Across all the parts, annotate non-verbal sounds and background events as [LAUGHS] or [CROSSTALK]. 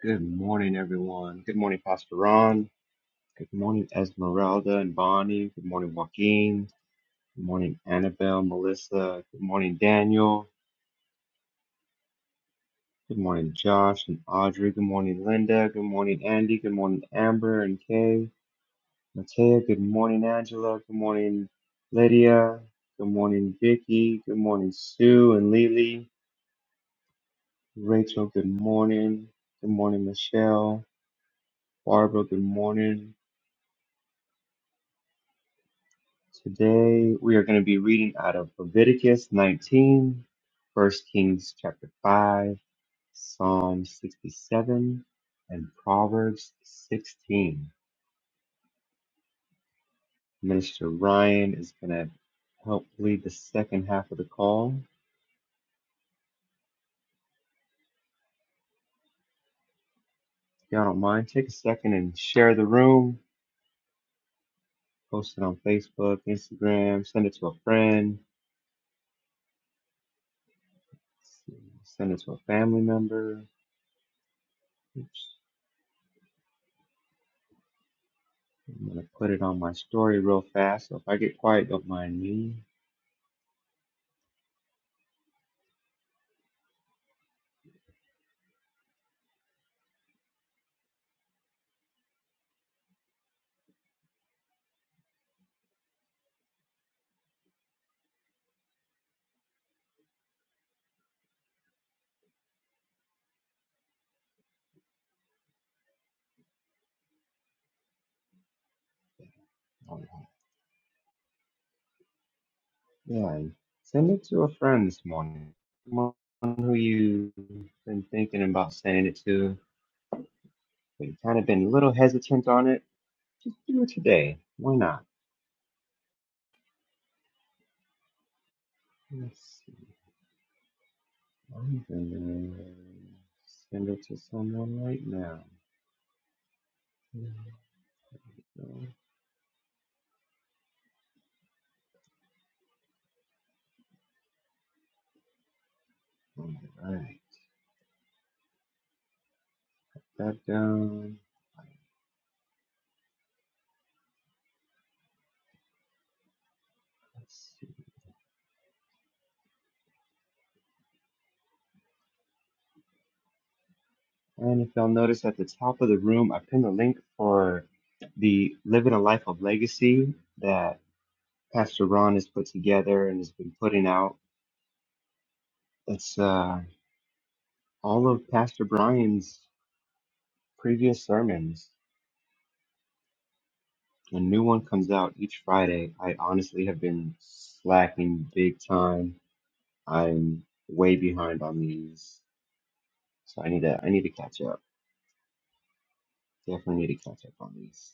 Good morning, everyone. Good morning, Pastor Ron. Good morning, Esmeralda and Bonnie. Good morning, Joaquin. Good morning, Annabelle, Melissa. Good morning, Daniel. Good morning, Josh and Audrey. Good morning, Linda. Good morning, Andy. Good morning, Amber and Kay. Matea. Good morning, Angela. Good morning, Lydia. Good morning, Vicky. Good morning, Sue and Lily. Rachel, good morning. Good morning, Michelle. Barbara, good morning. Today we are going to be reading out of Leviticus 19, 1 Kings chapter 5, Psalm 67, and Proverbs 16. Minister Ryan is going to help lead the second half of the call. If y'all don't mind, take a second and share the room. Post it on Facebook, Instagram, send it to a friend, send it to a family member. Oops. I'm going to put it on my story real fast. So if I get quiet, don't mind me. Oh, Yeah, send it to a friend this morning. Someone who you've been thinking about sending it to, but you've kind of been a little hesitant on it. Just do it today. Why not? Let's see. I'm gonna send it to someone right now. All right, that down. Let's see. And if y'all notice at the top of the room, I pinned a link for the Living a Life of Legacy. that. Pastor Ron has put together and has been putting out. It's uh, all of Pastor Brian's previous sermons. A new one comes out each Friday. I honestly have been slacking big time. I'm way behind on these, so I need to I need to catch up. Definitely need to catch up on these.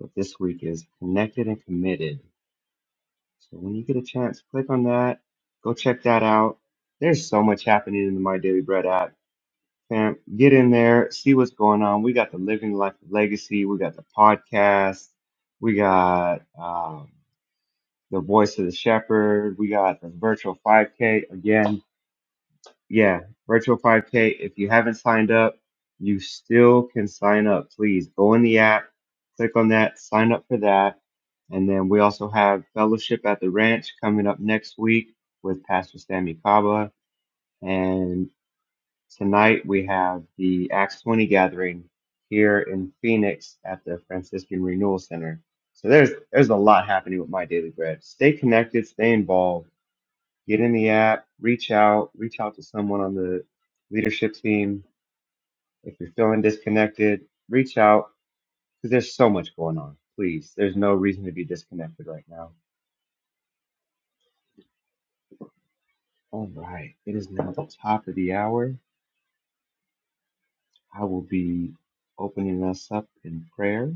But this week is connected and committed. So when you get a chance, click on that. Go check that out. There's so much happening in the My Daily Bread app Fam, get in there, see what's going on. We got the Living Life Legacy, we got the podcast, we got um, the Voice of the Shepherd, we got the virtual 5K again. Yeah, virtual 5K. If you haven't signed up, you still can sign up. Please go in the app, click on that, sign up for that. And then we also have Fellowship at the Ranch coming up next week with Pastor Sammy Kaba. and. Tonight we have the Acts 20 gathering here in Phoenix at the Franciscan Renewal Center. So there's there's a lot happening with my daily bread. Stay connected, stay involved, get in the app, reach out, reach out to someone on the leadership team. If you're feeling disconnected, reach out because there's so much going on. Please, there's no reason to be disconnected right now. All right, it is now the top of the hour. I will be opening us up in prayer.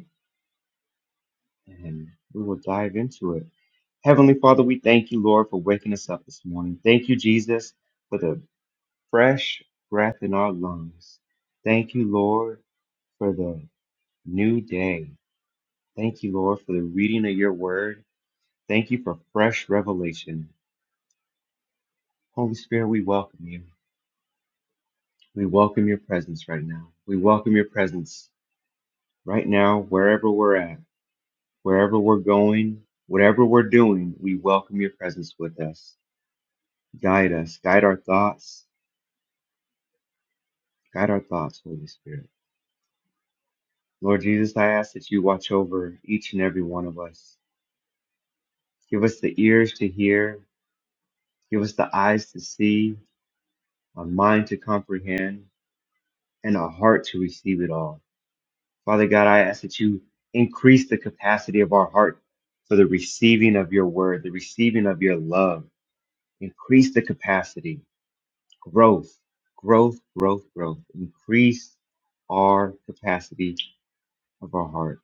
and we will dive into it. Heavenly Father, we thank you, Lord, for waking us up this morning. Thank you, Jesus, for the fresh breath in our lungs. Thank you, Lord, for the new day. Thank you, Lord, for the reading of your word. Thank you for fresh revelation. Holy Spirit, we welcome you. We welcome your presence right now. We welcome your presence right now, wherever we're at, wherever we're going, whatever we're doing, we welcome your presence with us. Guide us, guide our thoughts, guide our thoughts, Holy Spirit. Lord Jesus, I ask that you watch over each and every one of us. Give us the ears to hear, give us the eyes to see, a mind to comprehend, and a heart to receive it all. Father God, I ask that you increase the capacity of our heart for the receiving of your word, the receiving of your love. Increase the capacity, growth, growth, growth, growth. Increase our capacity of our heart.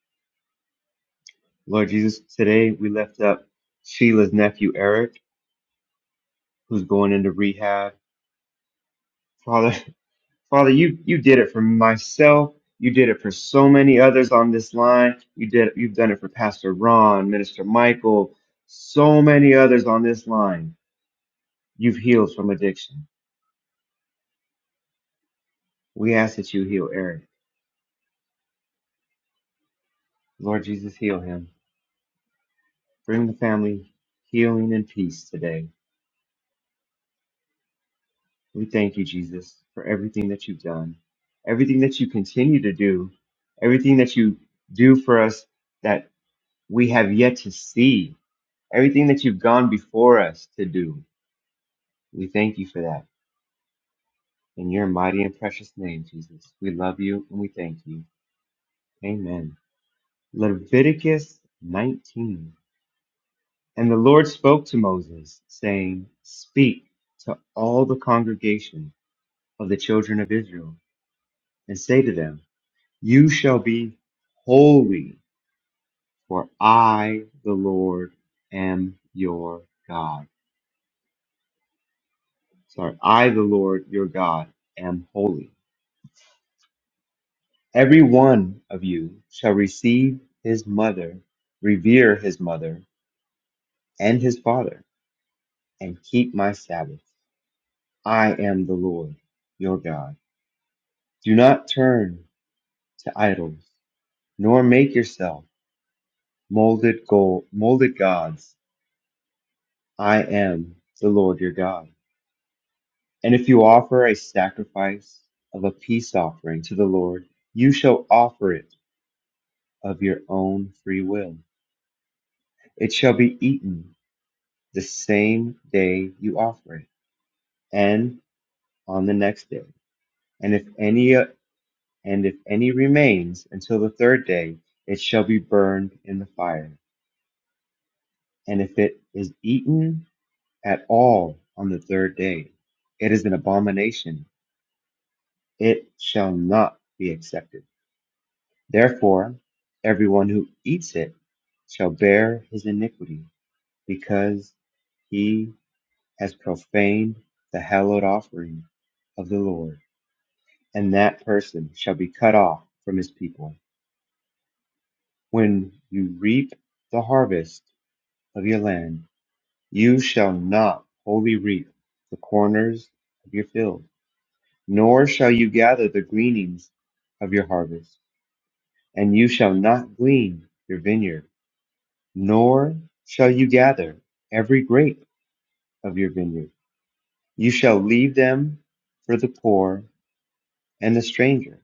Lord Jesus, today we lift up Sheila's nephew Eric, who's going into rehab. Father, [LAUGHS] Father, you you did it for myself. You did it for so many others on this line. You did you've done it for Pastor Ron, Minister Michael, so many others on this line. You've healed from addiction. We ask that you heal Eric. Lord Jesus, heal him. Bring the family healing and peace today. We thank you, Jesus, for everything that you've done, everything that you continue to do, everything that you do for us that we have yet to see, everything that you've gone before us to do. We thank you for that. In your mighty and precious name, Jesus, we love you and we thank you. Amen. Leviticus 19. And the Lord spoke to Moses, saying, Speak to all the congregation of the children of Israel, and say to them, You shall be holy, for I, the Lord, am your God. Sorry, I, the Lord, your God, am holy. Every one of you shall receive his mother, revere his mother and his father, and keep my Sabbath. I am the Lord, your God. Do not turn to idols, nor make yourself molded gold, molded gods. I am the Lord your God. And if you offer a sacrifice of a peace offering to the Lord, you shall offer it of your own free will. It shall be eaten the same day you offer it, and on the next day. And if any and if any remains until the third day, it shall be burned in the fire. And if it is eaten at all on the third day, it is an abomination. It shall not be accepted. Therefore, everyone who eats it shall bear his iniquity, because he has profaned the hallowed offering of the Lord, and that person shall be cut off from his people. When you reap the harvest of your land, you shall not wholly reap the corners of your field, nor shall you gather the gleanings of your harvest, and you shall not glean your vineyard nor shall you gather every grape of your vineyard. You shall leave them for the poor and the stranger.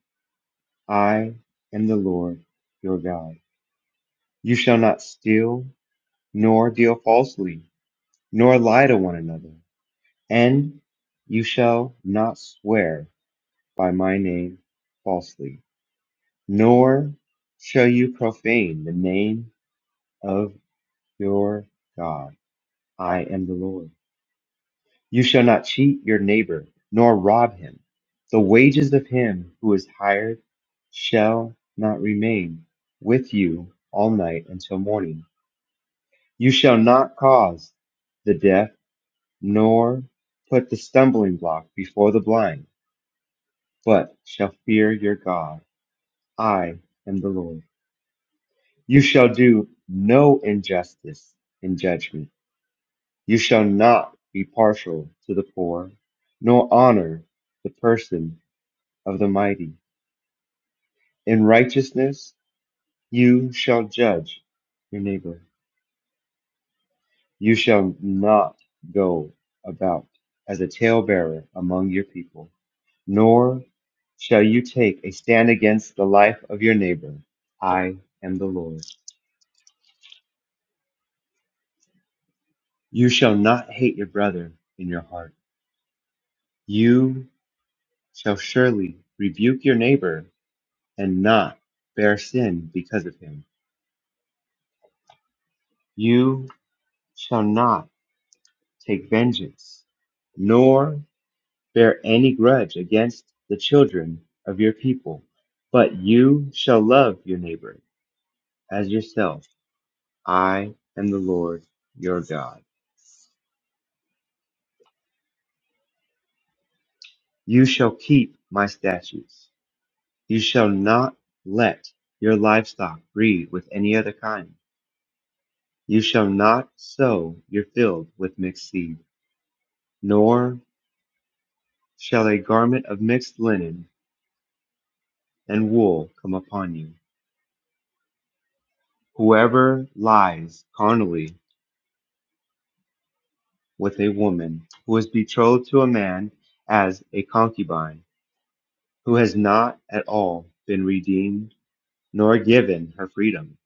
I am the Lord your God. You shall not steal, nor deal falsely, nor lie to one another, and you shall not swear by my name falsely, nor shall you profane the name of your God. I am the Lord. You shall not cheat your neighbor, nor rob him. The wages of him who is hired shall not remain with you all night until morning. You shall not cause the deaf, nor put the stumbling block before the blind, but shall fear your God. I am the Lord. You shall do no injustice in judgment. You shall not be partial to the poor, nor honor the person of the mighty. In righteousness you shall judge your neighbor. You shall not go about as a talebearer among your people, nor shall you take a stand against the life of your neighbor. I am the Lord. You shall not hate your brother in your heart. You shall surely rebuke your neighbor and not bear sin because of him. You shall not take vengeance, nor bear any grudge against the children of your people, but you shall love your neighbor as yourself. I am the Lord your God. You shall keep my statutes. You shall not let your livestock breed with any other kind. You shall not sow your field with mixed seed, nor shall a garment of mixed linen and wool come upon you. Whoever lies carnally with a woman who is betrothed to a man as a concubine, who has not at all been redeemed nor given her freedom.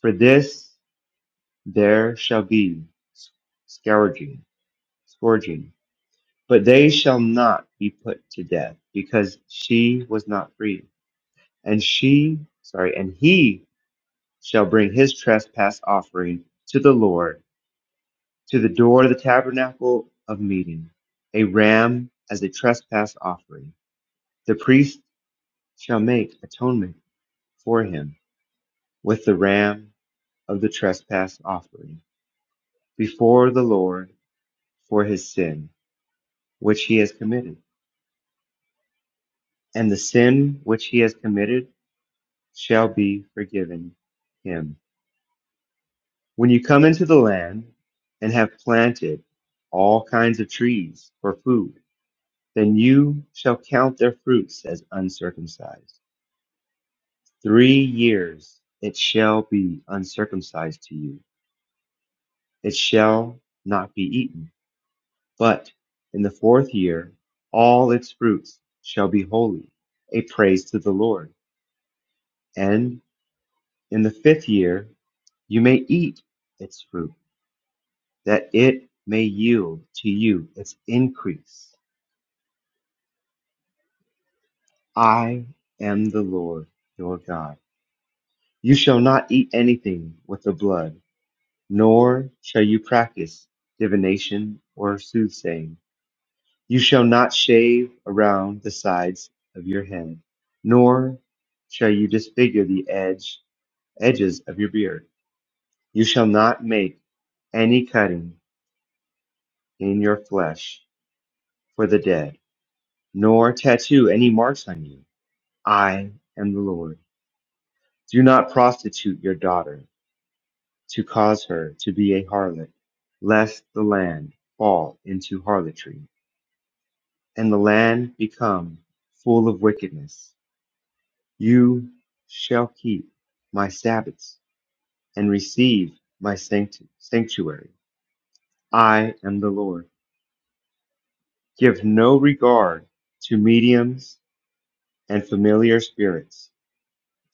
For this there shall be scourging, scourging, but they shall not be put to death, because she was not free. And she, sorry, and he shall bring his trespass offering to the Lord to the door of the tabernacle of meeting, a ram as a trespass offering. The priest shall make atonement for him with the ram of the trespass offering before the Lord for his sin which he has committed, and the sin which he has committed shall be forgiven him. When you come into the land and have planted all kinds of trees for food, then you shall count their fruits as uncircumcised. Three years it shall be uncircumcised to you it shall not be eaten. But in the fourth year, all its fruits shall be holy, a praise to the Lord. And in the fifth year, you may eat its fruit, that it may yield to you its increase. I am the Lord your God. You shall not eat anything with the blood, nor shall you practice divination or soothsaying You shall not shave around the sides of your head, nor shall you disfigure the edge edges of your beard. You shall not make any cutting in your flesh for the dead, nor tattoo any marks on you. I am the Lord. Do not prostitute your daughter to cause her to be a harlot, lest the land fall into harlotry, and the land become full of wickedness. You shall keep my Sabbaths and receive my sanctuary. I am the Lord. Give no regard to mediums and familiar spirits.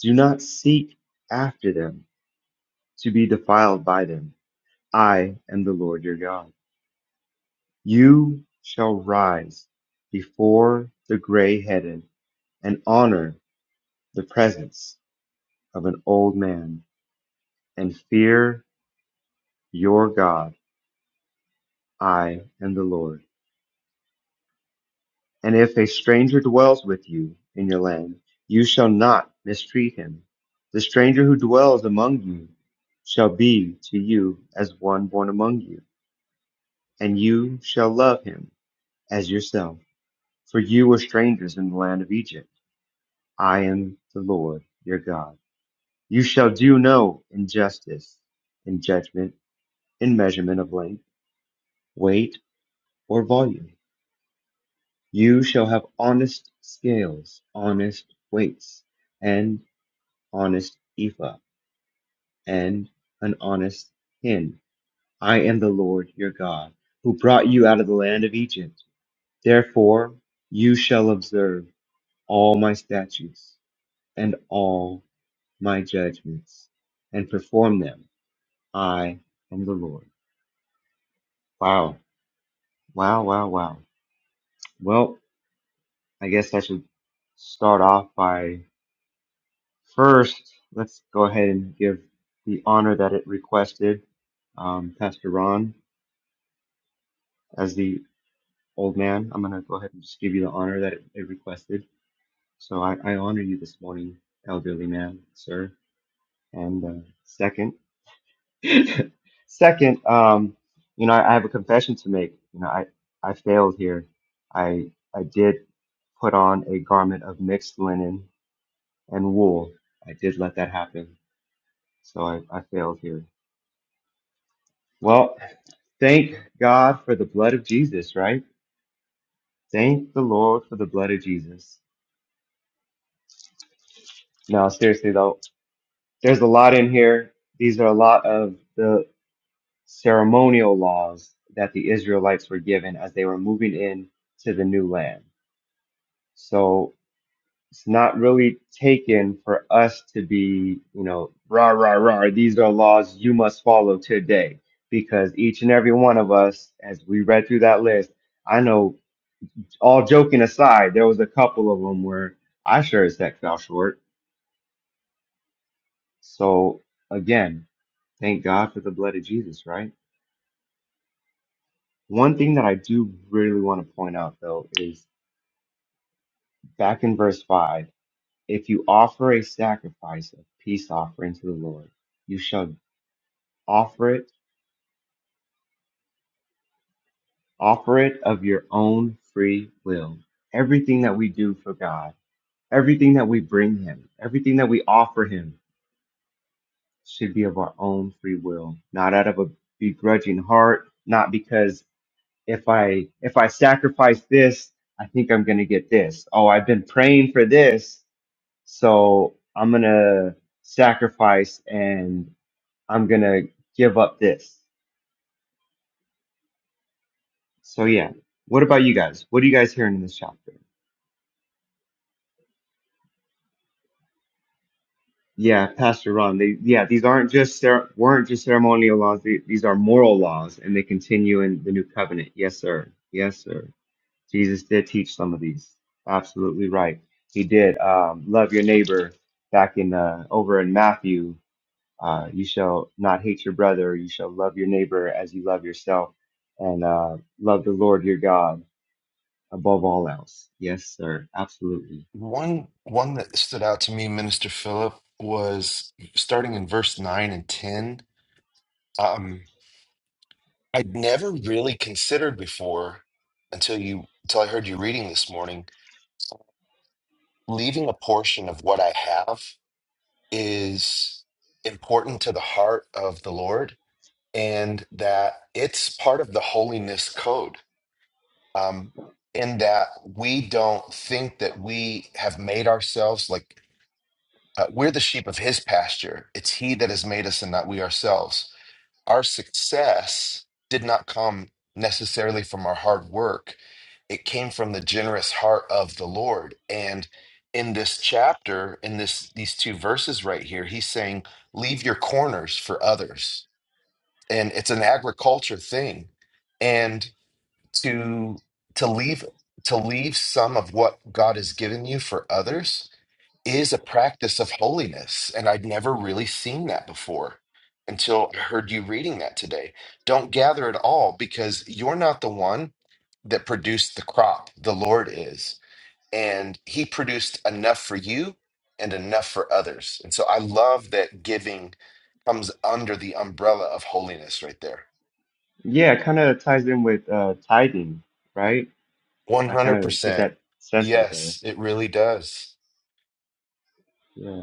Do not seek after them to be defiled by them. I am the Lord your God. You shall rise before the gray headed and honor the presence of an old man and fear your God I am the Lord. And if a stranger dwells with you in your land, you shall not mistreat him. The stranger who dwells among you shall be to you as one born among you, and you shall love him as yourself. For you were strangers in the land of Egypt. I am the Lord your God. You shall do no injustice in judgment, in measurement of length, weight, or volume. You shall have honest scales, honest weights, and honest ephah, and an honest hin. I am the Lord your God, who brought you out of the land of Egypt. Therefore, you shall observe all my statutes and all my judgments, and perform them. I am the Lord. Wow, wow, wow, wow. Well, I guess I should start off by First, let's go ahead and give the honor that it requested. Um, Pastor Ron, as the old man, I'm going to go ahead and just give you the honor that it, it requested. So I, I honor you this morning, elderly man, sir. And uh, second, [LAUGHS] second, um, you know, I, I have a confession to make. You know, I, I failed here. I, I did put on a garment of mixed linen and wool. I did let that happen. So I, I failed here. Well, Thank God for the blood of Jesus, right? Thank the Lord for the blood of Jesus. No, seriously though, there's a lot in here. These are a lot of the ceremonial laws that the Israelites were given as they were moving in to the new land. So it's not really taken for us to be, you know, rah, rah, rah. These are laws you must follow today because each and every one of us, as we read through that list, I know all joking aside, there was a couple of them where I sure as heck fell short. So again, thank God for the blood of Jesus, right? One thing that I do really want to point out though is back in verse five, if you offer a sacrifice of peace offering to the Lord, you shall offer it, offer it of your own free will. Everything that we do for God, everything that we bring Him, everything that we offer Him should be of our own free will, not out of a begrudging heart, not because if I if I sacrifice this, I think I'm going to get this. Oh, I've been praying for this, so I'm going to sacrifice and I'm going to give up this. So yeah, what about you guys? What are you guys hearing in this chapter? Yeah, Pastor Ron. They, yeah, these aren't just cer- weren't just ceremonial laws. The- These are moral laws, and they continue in the new covenant. Yes, sir. Yes, sir. Jesus did teach some of these. Absolutely right. He did um, love your neighbor back in uh, over in Matthew. Uh, you shall not hate your brother. You shall love your neighbor as you love yourself, and uh, love the Lord your God above all else. Yes, sir. Absolutely. One one that stood out to me, Minister Philip, was starting in verse nine and ten. Um, I'd never really considered before until you until I heard you reading this morning. Leaving a portion of what I have is important to the heart of the Lord, and that it's part of the holiness code. Um, in that we don't think that we have made ourselves like. Uh, we're the sheep of his pasture. It's he that has made us and not we ourselves. Our success did not come necessarily from our hard work, it came from the generous heart of the Lord. And in this chapter, in this these two verses right here, he's saying, leave your corners for others. And it's an agriculture thing. And to to leave to leave some of what God has given you for others is a practice of holiness. And I'd never really seen that before until I heard you reading that today. Don't gather at all because you're not the one that produced the crop. The Lord is. And He produced enough for you and enough for others. And so I love that giving comes under the umbrella of holiness right there. Yeah, it kind of ties in with uh, tithing, right? I kind of get 100%. that sense right there. Yes, it really does. Yeah.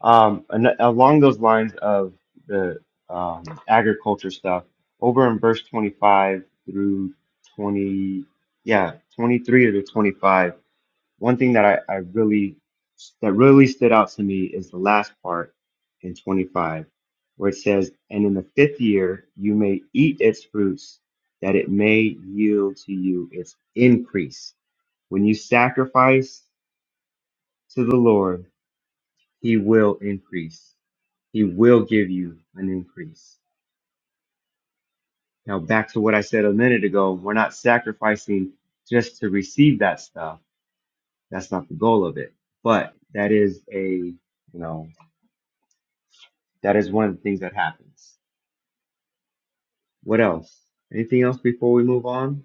Um, and along those lines of the um, agriculture stuff, over in verse 25 through 20, yeah, 23 to 25, one thing that I, I really, that really stood out to me is the last part in 25, where it says, And in the fifth year, you may eat its fruits, that it may yield to you its increase. When you sacrifice to the Lord, he will increase. He will give you an increase. Now, back to what I said a minute ago, we're not sacrificing just to receive that stuff. That's not the goal of it. But that is a, you know, that is one of the things that happens. What else? Anything else before we move on?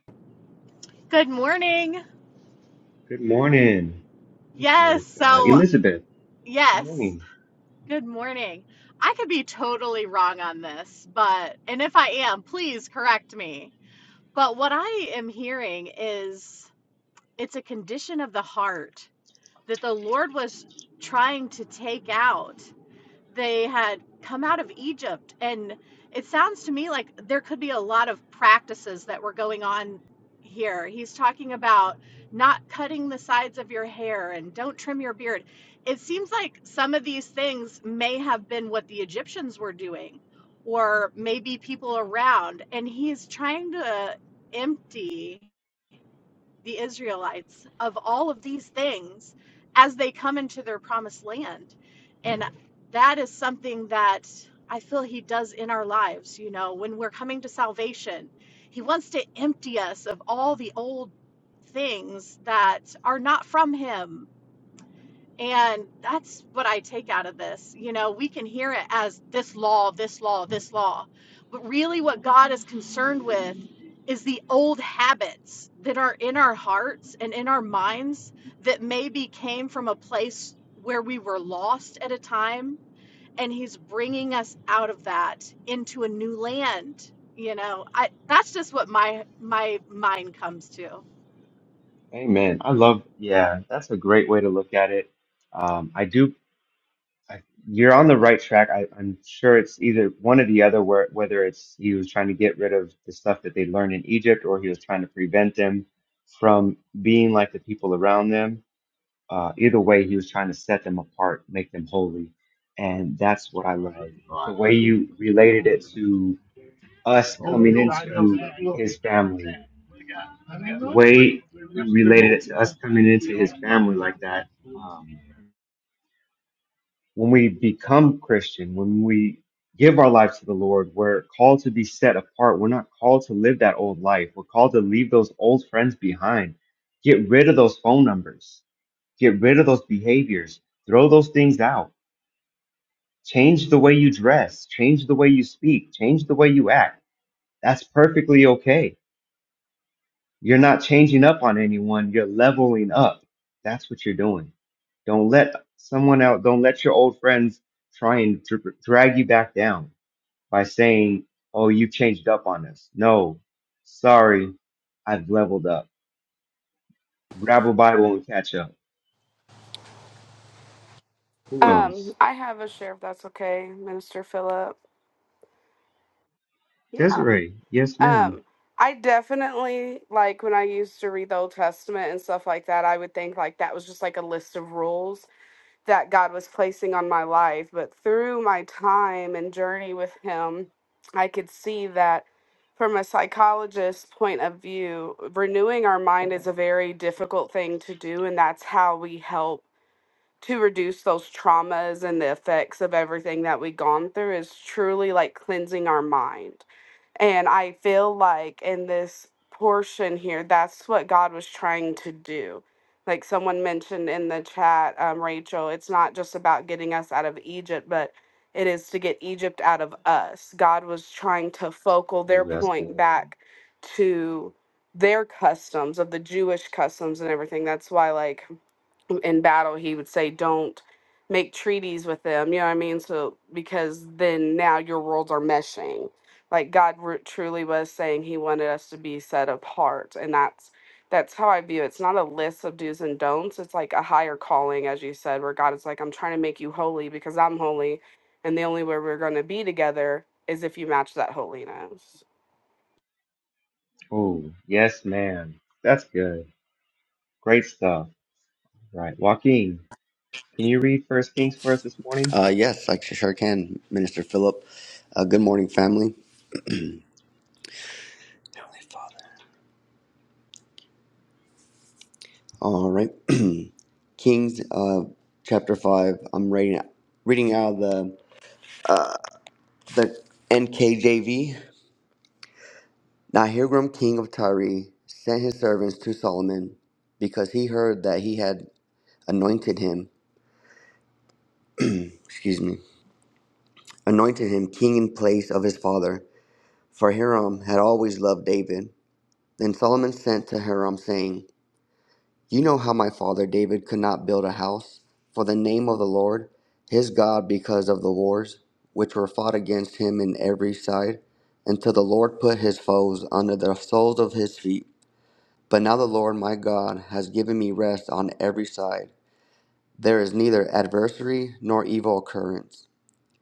Good morning. Who's this? Uh, Elizabeth. Good morning. Amen. I love, yeah, that's a great way to look at it. Um, I do I, you're on the right track. I, I'm sure it's either one or the other, where, whether it's he was trying to get rid of the stuff that they learned in Egypt or he was trying to prevent them from being like the people around them. Uh, either way, he was trying to set them apart, make them holy. And that's what All I right. love. All The right. I way get you related it laughter. to us Oh, they coming go fast. Look, into his family, I don't the know. way you There's, there's related more it to people. us coming We into his don't stop family like that. um, them. when we become Christian, when we give our lives to the Lord, we're called to be set apart. We're not called to live that old life. We're called to leave those old friends behind. Get rid of those phone numbers. Get rid of those behaviors. Throw those things out. Change the way you dress. Change the way you speak. Change the way you act. That's perfectly okay you're not changing up on anyone. You're leveling up. That's what you're doing. Don't let someone out, don't let your old friends try and dr- drag you back down by saying, oh, you changed up on us. No, sorry, I've leveled up. Grab a Bible and catch up. Who Um, else? I have a share if that's okay, Minister Philip. Yeah. Desiree. Yes, ma'am. Um, I definitely like when I used to read the Old Testament and stuff like that, I would think like that was just like a list of rules that God was placing on my life. But through my time and journey with Him, I could see that from a psychologist's point of view, renewing our mind is a very difficult thing to do, and that's how we help to reduce those traumas and the effects of everything that we've gone through is truly like cleansing our mind. And I feel like in this portion here, that's what God was trying to do. Like someone mentioned in the chat, um, Rachel, it's not just about getting us out of Egypt, but it is to get Egypt out of us. God was trying to focal their Oh, that's point good. back to their customs of the Jewish customs and everything. That's why, like, in battle he would say don't make treaties with them you know what i mean so because then now your worlds are meshing like god re- truly was saying he wanted us to be set apart and that's that's how i view it it's not a list of do's and don'ts it's like a higher calling as you said where god is like i'm trying to make you holy because i'm holy and the only way we're going to be together is if you match that holiness Oh, yes, ma'am. That's good. Great stuff. Right. Joaquin, can you read First Kings for us this morning? Uh, yes, I sure can, Minister Philip. Uh, good morning, family. All right, [CLEARS THROAT] Kings uh, chapter five. I'm reading reading out of the the NKJV. Now Hiram, king of Tyre, sent his servants to Solomon because he heard that he had anointed him. Excuse me, anointed him king in place of his father. For Hiram had always loved David. Then Solomon sent to Hiram, saying. You know how my father David could not build a house for the name of the Lord his God because of the wars which were fought against him in every side, until the Lord put his foes under the soles of his feet. But now the Lord my God has given me rest on every side. There is neither adversary nor evil occurrence.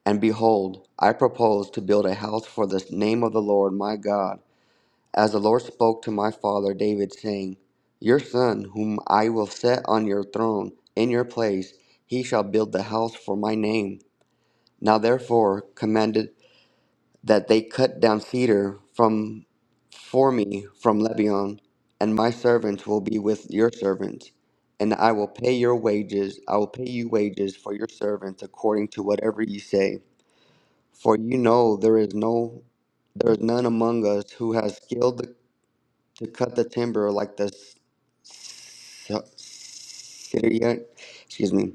And behold, I propose to build a house for the name of the Lord my God as the Lord spoke to my father David, saying, Your son, whom I will set on your throne in your place, he shall build the house for my name. Now therefore commanded that they cut down cedar from for me from Lebanon, and my servants will be with your servants, and I will pay your wages, I will pay you wages for your servants according to whatever you say. For you know there is no there is none among us who has skilled the to cut the timber like the s- s- Syrian, excuse me,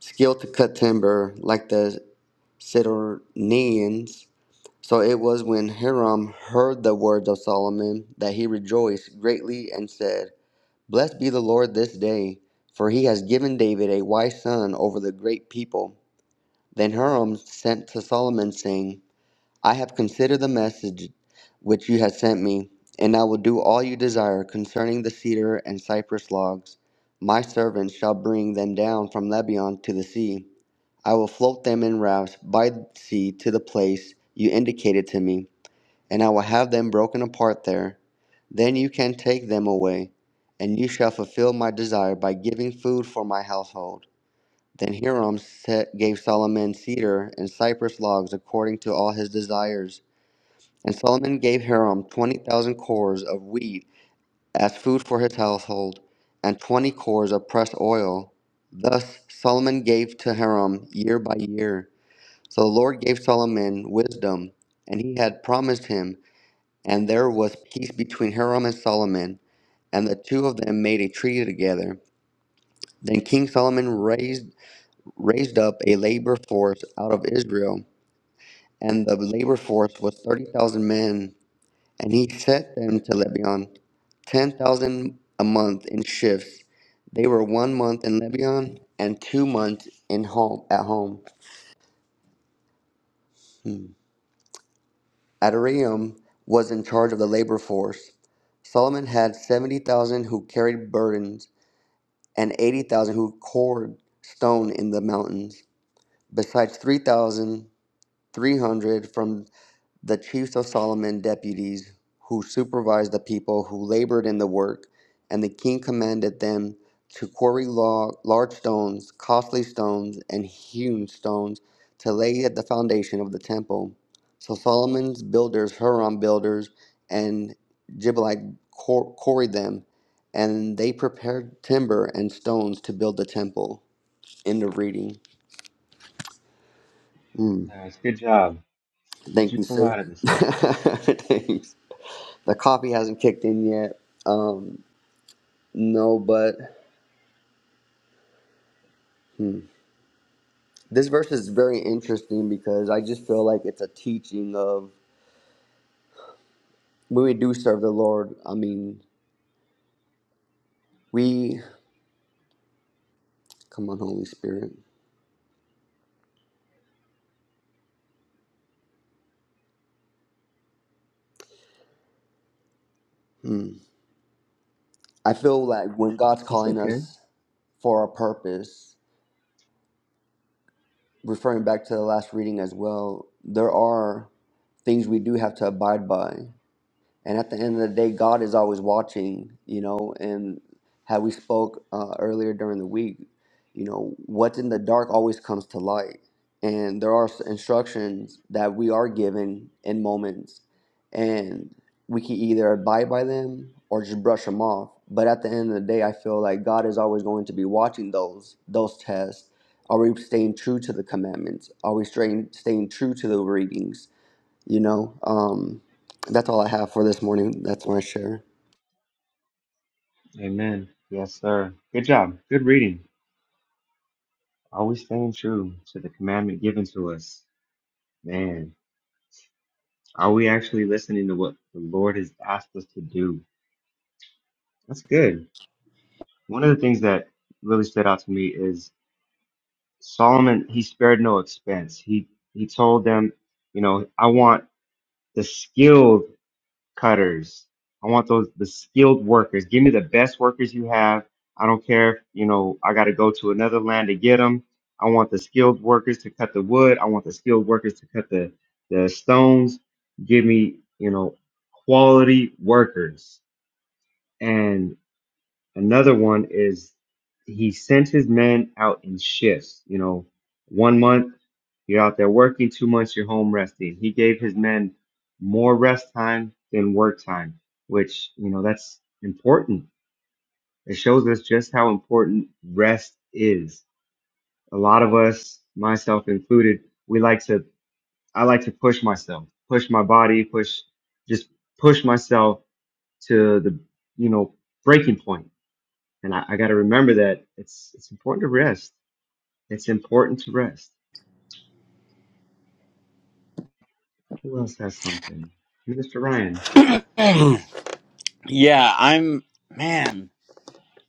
skill to cut timber like the Sidonians. So it was when Hiram heard the words of Solomon that he rejoiced greatly and said, Blessed be the Lord this day, for he has given David a wise son over the great people. Then Hiram sent to Solomon, saying, I have considered the message which you have sent me, and I will do all you desire concerning the cedar and cypress logs. My servants shall bring them down from Lebanon to the sea. I will float them in rafts by the sea to the place you indicated to me, and I will have them broken apart there. Then you can take them away, and you shall fulfill my desire by giving food for my household. Then Hiram set, gave Solomon cedar and cypress logs according to all his desires and Solomon gave Hiram twenty thousand cores of wheat as food for his household, and twenty cores of pressed oil. Thus Solomon gave to Hiram year by year. So the Lord gave Solomon wisdom, and he had promised him, and there was peace between Hiram and Solomon, and the two of them made a treaty together. Then King Solomon raised raised up a labor force out of Israel, and the labor force was thirty thousand men And he sent them to Lebanon, ten thousand a month in shifts. They were one month in Lebanon and two months in home at home. Hmm. Adoniram was in charge of the labor force. Solomon had seventy thousand who carried burdens and eighty thousand who cored stone in the mountains, besides three thousand three hundred from. the chiefs of Solomon deputies who supervised the people who labored in the work, and the king commanded them to quarry law, large stones, costly stones, and hewn stones to lay at the foundation of the temple. So Solomon's builders, Huram builders, and Gibeonite quar- quarried them, and they prepared timber and stones to build the temple. End of reading. Mm, Nice. Good job. Would thank you you, pull sir. out of [LAUGHS] this thing? Thanks. The coffee hasn't kicked in yet. Um, no, but hmm. this verse is very interesting because I just feel like it's a teaching of when we do serve the Lord. I mean, we come on, Holy Spirit. Hmm. I feel like when God's It's calling okay. us for a purpose, referring back to the last reading as well, there are things we do have to abide by. And at the end of the day, God is always watching, you know. And how we spoke uh, earlier during the week, you know, what's in the dark always comes to light. And there are s- instructions that we are given in moments, and we can either abide by them or just brush them off. But at the end of the day, I feel like God is always going to be watching those those tests. Are we staying true to the commandments? Are we staying, staying true to the readings? You know, um, that's all I have for this morning. That's my share. Amen. Yes, sir. Good job. Good reading. Are we staying true to the commandment given to us? Man, are we actually listening to what the Lord has asked us to do? That's good. One of the things that really stood out to me is Solomon, he spared no expense. He he told them, you know, I want the skilled cutters. I want those the skilled workers. Give me the best workers you have. I don't care if you know I got to go to another land to get them. I want the skilled workers to cut the wood. I want the skilled workers to cut the the stones. Give me you know quality workers. And another one is he sent his men out in shifts. You know, one month you're out there working two months, you're home resting. He gave his men more rest time than work time, which, you know, that's important. It shows us just how important rest is. A lot of us, myself included, we like to, I like to push myself, push my body, push, just push myself to the, you know, breaking point. And I, I got to remember that it's, it's important to rest. It's important to rest. Who else has something? Mr. Ryan. [CLEARS THROAT] yeah, I'm man.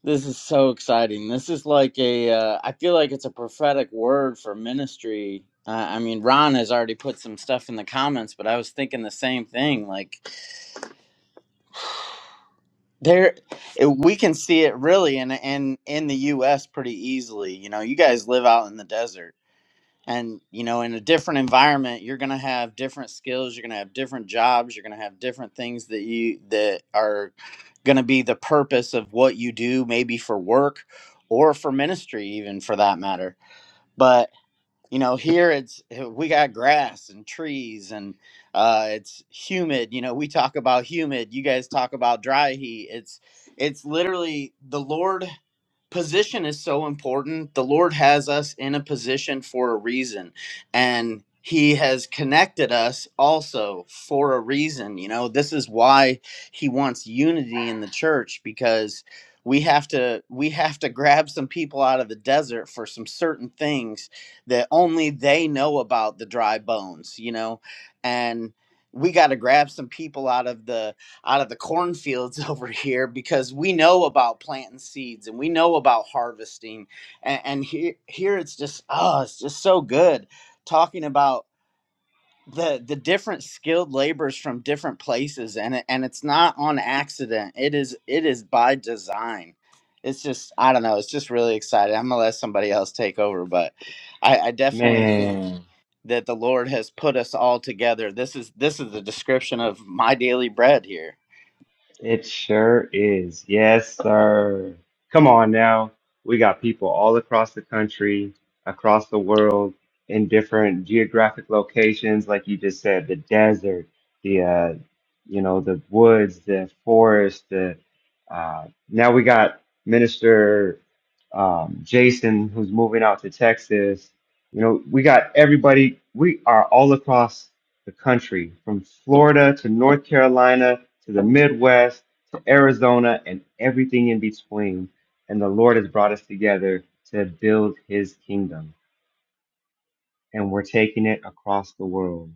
This is so exciting. This is like a. Uh, I feel like it's a prophetic word for ministry. Uh, I mean, Ron has already put some stuff in the comments, but I was thinking the same thing. Like there, it, we can see it really in in in the U.S. pretty easily. You know, you guys live out in the desert. and you know in a different environment you're going to have different skills you're going to have different jobs you're going to have different things that you that are going to be the purpose of what you do maybe for work or for ministry even for that matter but you know here it's eh, we got grass and trees and uh, it's humid you know we talk about humid you guys talk about dry heat it's it's literally the lord position is so important. The Lord has us in a position for a reason, and He has connected us also for a reason. You know, this is why He wants unity in the church because we have to we have to grab some people out of the desert for some certain things that only they know about the dry bones you know and we got to grab some people out of the out of the cornfields [LAUGHS] over here because we know about planting seeds and we know about harvesting and, and here here it's just oh it's just so good talking about the the different skilled laborers from different places and it, and it's not on accident it is it is by design it's just i don't know it's just really exciting i'm gonna let somebody else take over but i i definitely think Man, that the lord has put us all together this is this is the description of my daily bread here it sure is. Yes, sir. Come on now. We got people all across the country, across the world, in different geographic locations, like you just said, the desert, the uh, you know, the woods, the forest, the uh, now we got Minister um, Jason who's moving out to Texas. You know, we got everybody, we are all across the country from Florida to North Carolina to the Midwest to Arizona and everything in between. And the Lord has brought us together to build his kingdom. And we're taking it across the world.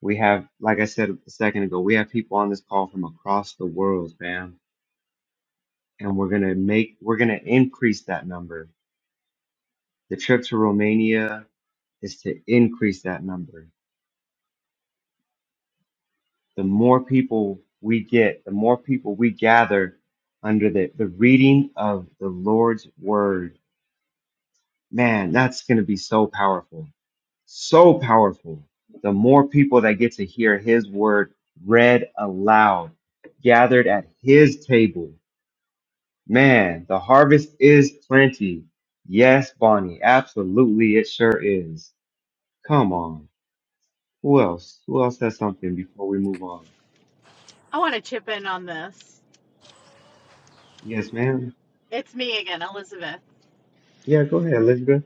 We have, like I said a second ago, we have people on this call from across the world, fam. And we're going to make, we're going to increase that number. The trip to Romania is to increase that number the more people we get, the more people we gather under the, the reading of the Lord's word, man, that's going to be so powerful. So powerful. The more people that get to hear his word read aloud, gathered at his table, man, the harvest is plenty. Yes, Bonnie, absolutely, it sure is. Come on. Who else? Who else has something before we move on? Yes, ma'am. Yeah, go ahead, Elizabeth.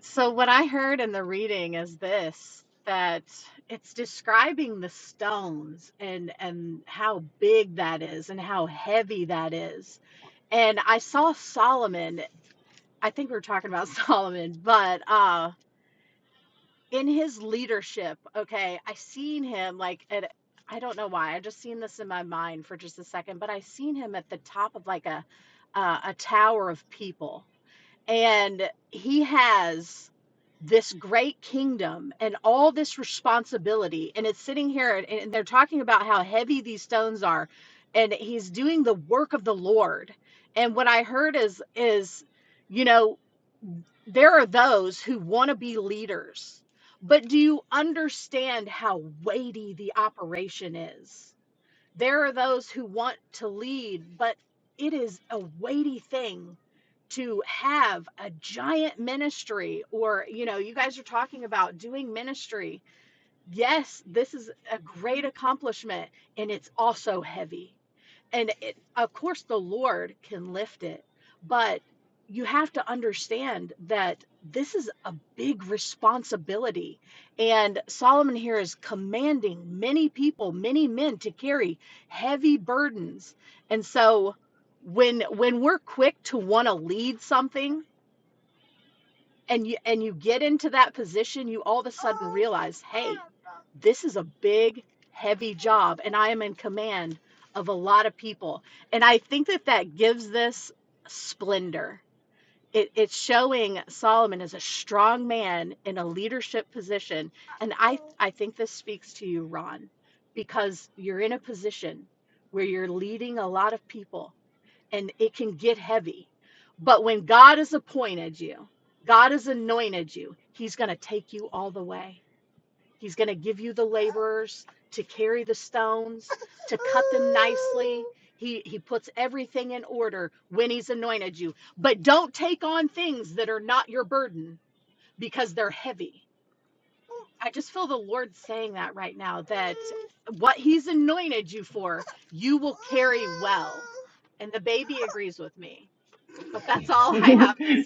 [LAUGHS]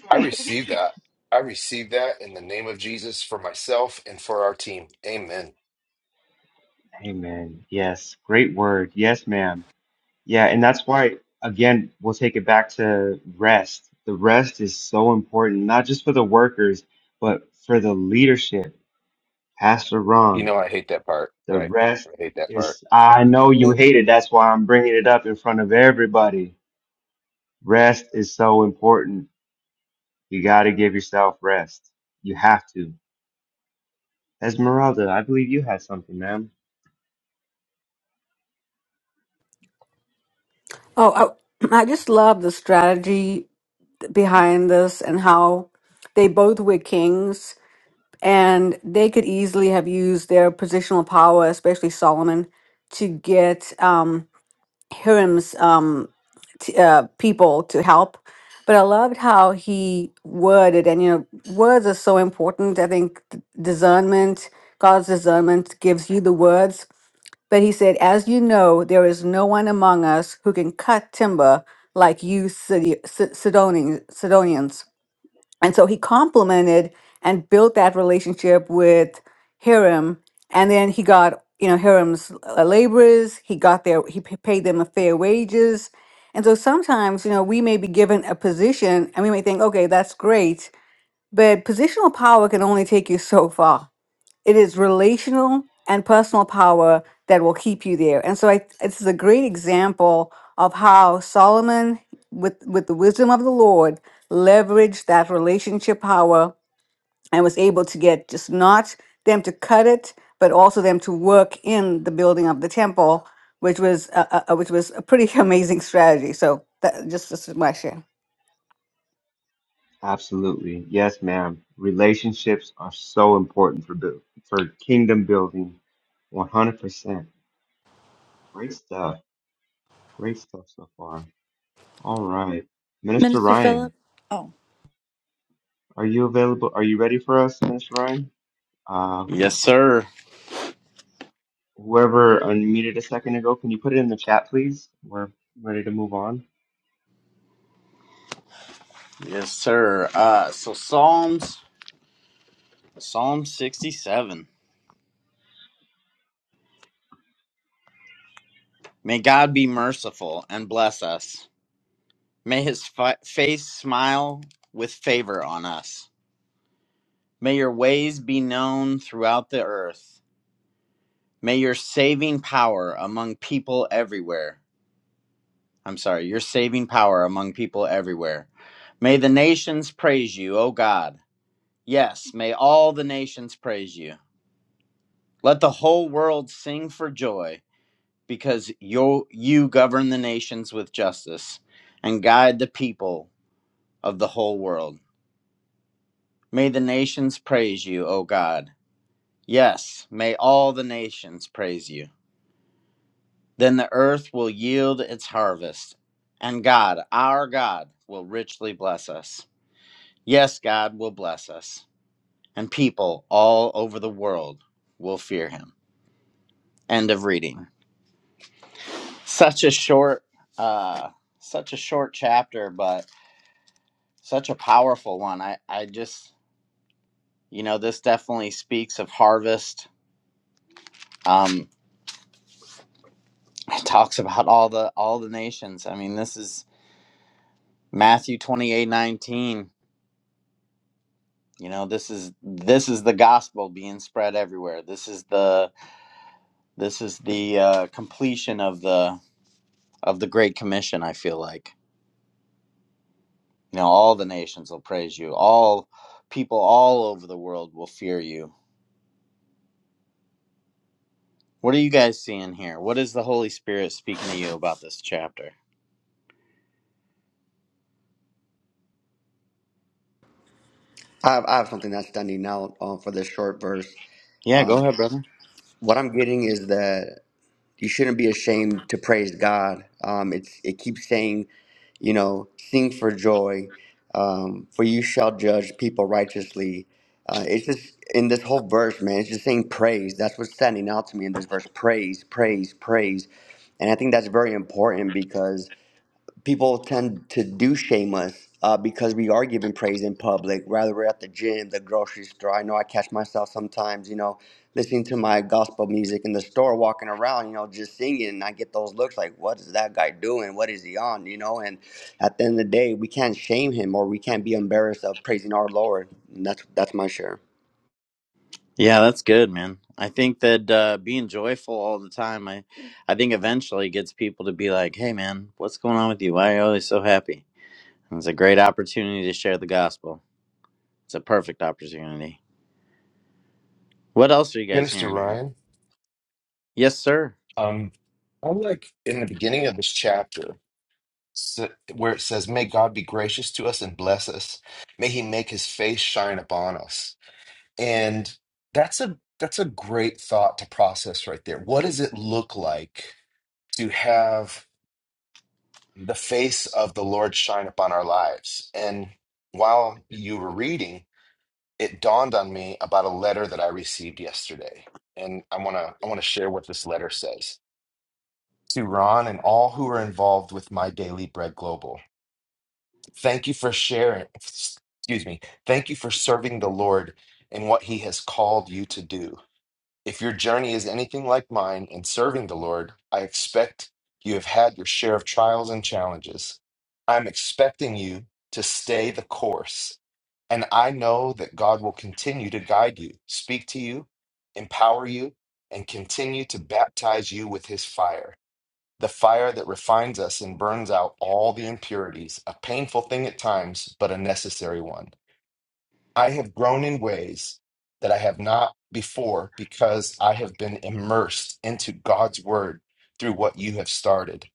I receive that. I receive that in the name of Jesus for myself and for our team. Amen. Amen. Yes. Great word. Yes, ma'am. Yeah. And that's why, again, we'll take it back to rest. The rest is so important, not just for the workers, but for the leadership. Pastor You Ron, know, I hate that part, the right? rest I hate that part. is, I know you Well, hate it. That's why I'm bringing it up in front of everybody. Rest is so important. You got to give yourself rest. You have to. Esmeralda, I believe you had something, ma'am. Oh, I, [CLEARS THROAT] I just love the strategy behind this and how they both were kings and they could easily have used their positional power, especially Solomon, to get um, Hiram's um, t- uh, people to help. But I loved how he worded, and you know, words are so important. I think discernment, God's discernment gives you the words but he said, As you know, there is no one among us who can cut timber like you Sidi- Si- Sidoni- Sidonians. And so he complimented and built that relationship with Hiram. And then he got, you know, Hiram's uh, laborers, he got their, he p- paid them a fair wages. And so sometimes, you know, we may be given a position and we may think, okay, that's great. But positional power can only take you so far it is relational and personal power that will keep you there. And so I, this is a great example of how Solomon, with, with the wisdom of the Lord, leveraged that relationship power and was able to get just not them to cut it, but also them to work in the building of the temple, which was uh, uh, uh, which was a pretty [LAUGHS] amazing strategy. So that just, just my share. Absolutely. Yes, ma'am. Relationships are so important for build, for kingdom building. 100%. Great stuff. Great stuff so far. All right. Minister Minister Ryan, Philip? Oh, are you available? Are you ready for us, Minister Ryan? Uh, Yes, wh- sir. whoever unmuted a second ago, can you put it in the chat, please? We're ready to move on. Yes, sir. Uh, so Psalms, Psalm 67. May God be merciful and bless us. May his fi- face smile with favor on us. May your ways be known throughout the earth. May your saving power among people everywhere. I'm sorry, your saving power among people everywhere. May the nations praise you, O God. Yes, may all the nations praise you. Let the whole world sing for joy. because you you govern the nations with justice and guide the people of the whole world. May the nations praise you, O God. Yes, may all the nations praise you. Then the earth will yield its harvest, and God, our God, will richly bless us. Yes, God will bless us, and people all over the world will fear him. End of reading. Such a short uh such a short chapter, but such a powerful one. I, I just, you know, this definitely speaks of harvest. Um, [LAUGHS] it talks about all the all the nations. I mean, this is Matthew twenty eight nineteen. You know, this is this is the gospel being spread everywhere. This is the this is the uh, completion of the of the Great Commission. I feel like you know, all the nations will praise you. All people all over the world will fear you. What are you guys seeing here? What is the Holy Spirit speaking to you about this chapter? I have, I have something that's standing out um, for this short verse. Yeah, Um, go ahead, brother. what I'm getting is that you shouldn't be ashamed to praise God. Um, it's it keeps saying, you know, sing for joy, um, for you shall judge people righteously. Uh, it's just in this whole verse, man. It's just saying praise. That's what's standing out to me in this verse. Praise, praise, praise, and I think that's very important because people tend to do shame us uh, because we are giving praise in public, rather we're at the gym, the grocery store. I know I catch myself sometimes, you know, listening to my gospel music in the store, walking around, you know, just singing. And I get those looks like, what is that guy doing? What is he on? You know, and at the end of the day, we can't shame him or we can't be embarrassed of praising our Lord. And that's that's my share. Yeah, that's good, man. I think that uh, being joyful all the time, I, I think eventually gets people to be like, "Hey, man, what's going on with you? Why are you always so happy?" And it's a great opportunity to share the gospel. It's a perfect opportunity. What else are you guys Minister hearing here? Ryan, Yes, sir. um, I like in the beginning of this chapter s- where it says, May God be gracious to us and bless us. May he make his face shine upon us. And that's a that's a great thought to process right there. What does it look like to have? the face of the Lord shine upon our lives. And while you were reading, it dawned on me about a letter that I received yesterday. And I want to I want to share what this letter says. To Ron and all who are involved with My Daily Bread Global. Thank you for sharing, excuse me. Thank you for serving the Lord in what he has called you to do. If your journey is anything like mine in serving the Lord, I expect you have had your share of trials and challenges. I'm expecting you to stay the course. And I know that God will continue to guide you, speak to you, empower you, and continue to baptize you with his fire, the fire that refines us and burns out all the impurities, a painful thing at times, but a necessary one. I have grown in ways that I have not before because I have been immersed into God's word through what you have started.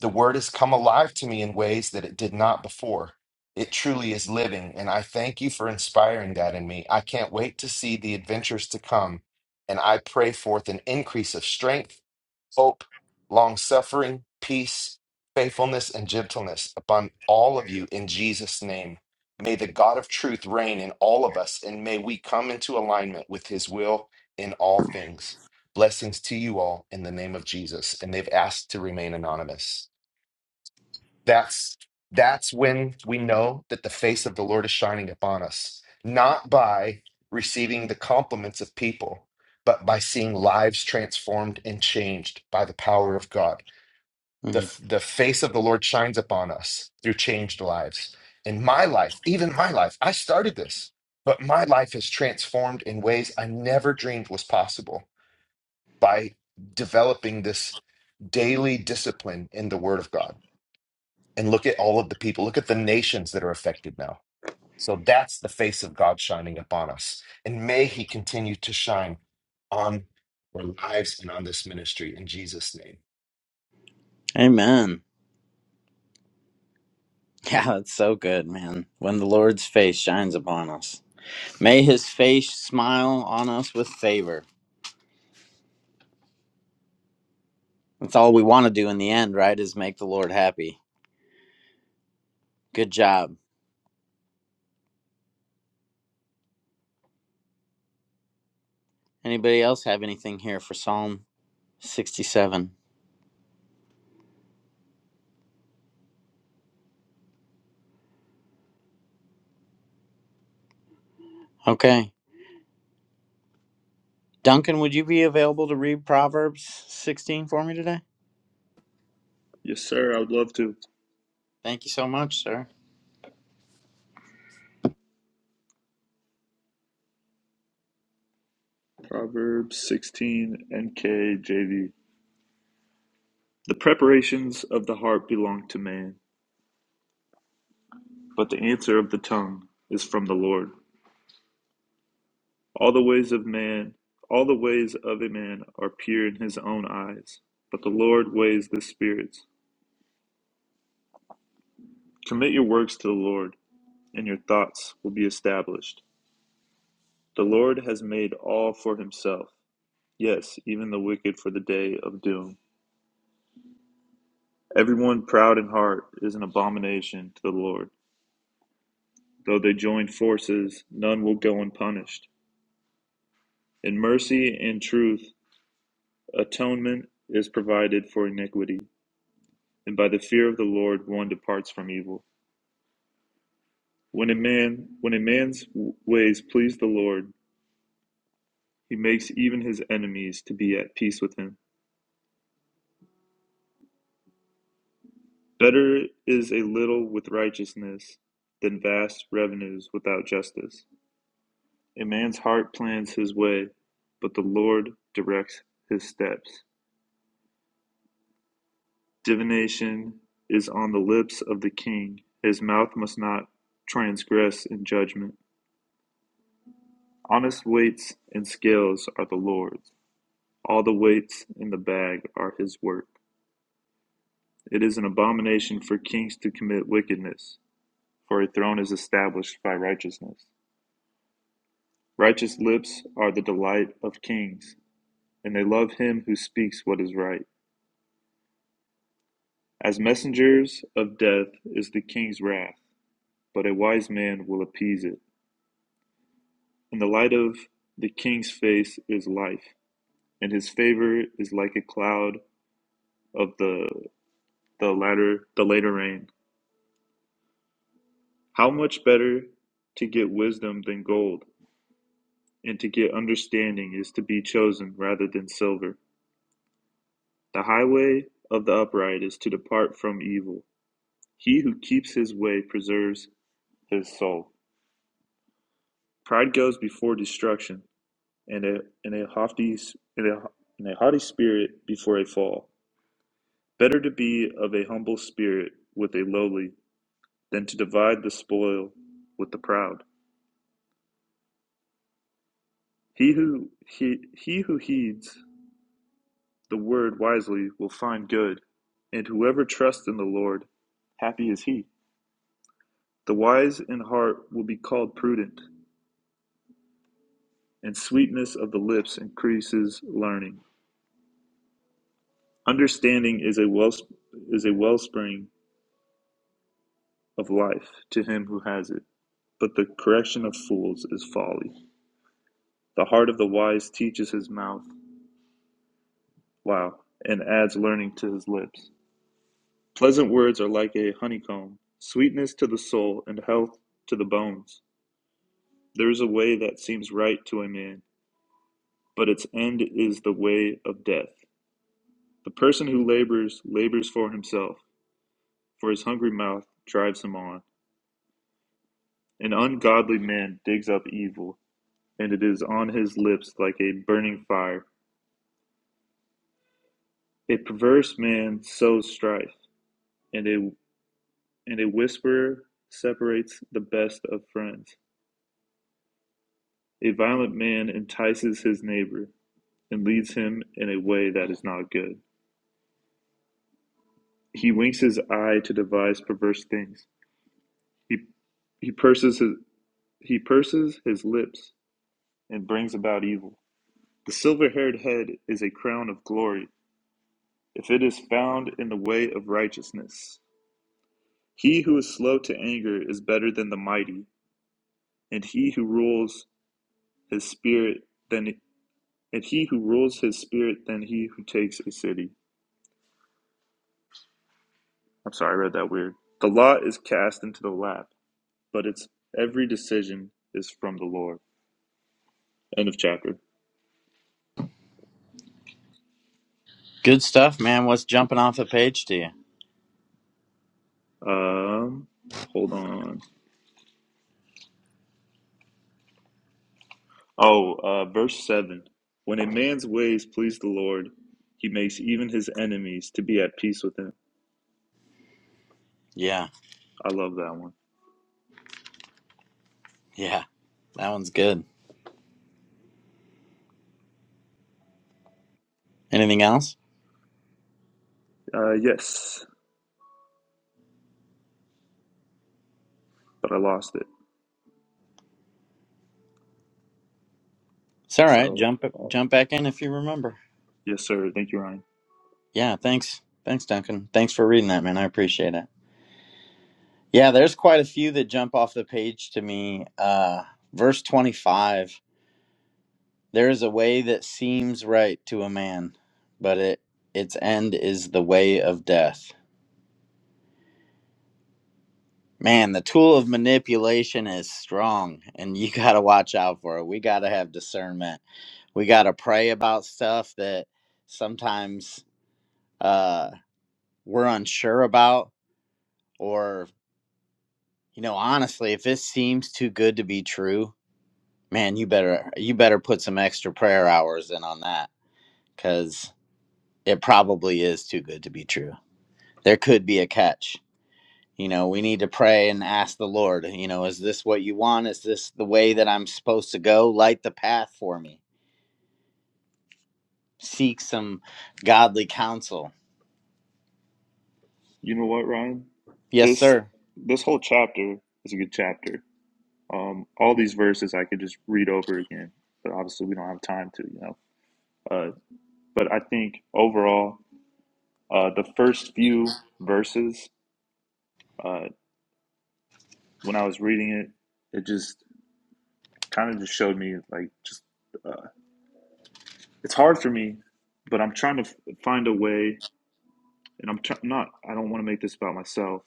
The word has come alive to me in ways that it did not before. It truly is living, and I thank you for inspiring that in me. I can't wait to see the adventures to come, and I pray forth an increase of strength hope, long suffering, peace, faithfulness, and gentleness upon all of you in Jesus' name. May the God of truth reign in all of us, and may we come into alignment with his will in all things. Blessings to you all in the name of Jesus. And they've asked to remain anonymous that's that's when we know that the face of the lord is shining upon us not by receiving the compliments of people but by seeing lives transformed and changed by the power of god Mm. the, the face of the lord shines upon us through changed lives in my life even my life i started this but my life is transformed in ways i never dreamed was possible by developing this daily discipline in the word of god and look at all of the people look at the nations that are affected now so that's the face of god shining upon us and may he continue to shine on our lives and on this ministry in jesus name Amen. [LAUGHS] Yeah, that's so good, man. When the Lord's face shines upon us, may His face smile on us with favor. That's all we want to do in the end, right? Is make the Lord happy. Good job Anybody else have anything here for Psalm 67? Okay. Duncan, would you be available to read Proverbs 16 for me today? Yes, sir. I would love to. Thank you so much, sir. Proverbs 16, NKJV. The preparations of the heart belong to man, but the answer of the tongue is from the Lord. All the ways of man, all the ways of a man are pure in his own eyes, but the Lord weighs the spirits. Commit your works to the Lord, and your thoughts will be established. The Lord has made all for himself, yes, even the wicked for the day of doom. Everyone proud in heart is an abomination to the Lord. Though they join forces, none will go unpunished. In mercy and truth, atonement is provided for iniquity, and by the fear of the Lord one departs from evil. When a man, when a man's ways please the Lord, he makes even his enemies to be at peace with him. Better is a little with righteousness than vast revenues without justice. A man's heart plans his way, but the Lord directs his steps. Divination is on the lips of the king; his mouth must not transgress in judgment. Honest weights and scales are the Lord's; all the weights in the bag are his work. It is an abomination for kings to commit wickedness, for a throne is established by righteousness. Righteous lips are the delight of kings, and they love him who speaks what is right. As messengers of death is the king's wrath, but a wise man will appease it. And the light of the king's face is life, and his favor is like a cloud of the the latter the later rain. How much better to get wisdom than gold, and to get understanding is to be chosen rather than silver. The highway of the upright is to depart from evil. He who keeps his way preserves his soul. Pride goes before destruction, and a and a haughty and a, and a haughty spirit before a fall. Better to be of a humble spirit with a lowly, than to divide the spoil with the proud. He who, he, he who heeds the word wisely will find good, and whoever trusts in the Lord, happy is he. The wise in heart will be called prudent, and sweetness of the lips increases learning. Understanding is a well is a wellspring of life to him who has it, but the correction of fools is folly. The heart of the wise teaches his mouth, Wow, and adds learning to his lips. Pleasant words are like a honeycomb, sweetness to the soul and health to the bones. There is a way that seems right to a man, but its end is the way of death. The person who labors, labors for himself, for his hungry mouth drives him on. An ungodly man digs up evil, and it is on his lips like a burning fire. A perverse man sows strife, and a, and a whisperer separates the best of friends. A violent man entices his neighbor, and leads him in a way that is not good. He winks his eye to devise perverse things. He, he, purses, his, he purses his lips and brings about evil. The silver haired head is a crown of glory, if it is found in the way of righteousness. He who is slow to anger is better than the mighty, and he who rules his spirit than and he who rules his spirit than he who takes a city. I'm sorry, I read that weird. The law is cast into the lap, but its every decision is from the Lord. End of chapter. Good stuff, man. What's jumping off the page to you? Um, hold on. Oh, uh, verse 7. When a man's ways please the Lord, he makes even his enemies to be at peace with him. Yeah, I love that one. yeah. That one's good. Anything else? Uh, yes, but I lost it. It's all right. So, Jump uh, jump back in if you remember. yes, sir. Thank you, Ryan. Yeah, thanks. Thanks, Duncan. Thanks for reading that, man. I appreciate it. Yeah, there's quite a few that jump off the page to me. Uh verse 25. There is a way that seems right to a man, but it its end is the way of death. Man, the tool of manipulation is strong, and you [LAUGHS] got to watch out for it. We got to have discernment. We got to pray about stuff that sometimes uh, we're unsure about, or you know, honestly, if it seems too good to be true, man, you better you better put some extra prayer hours in on that because it probably is too good to be true. there could be a catch. You know, we need to pray and ask the Lord, you know, is this what you want? Is this the way that I'm supposed to go? Light the path for me. Seek some godly counsel. You know what, Ryan? Yes, This sir. this whole chapter is a good chapter. Um, all these verses I could just read over again, but obviously we don't have time to, you know. Uh, but I think overall, uh, the first few verses, uh, when I was reading it, it just kind of just showed me like just uh, it's hard for me, but I'm trying to f- find a way, and I'm tr- not. I don't want to make this about myself,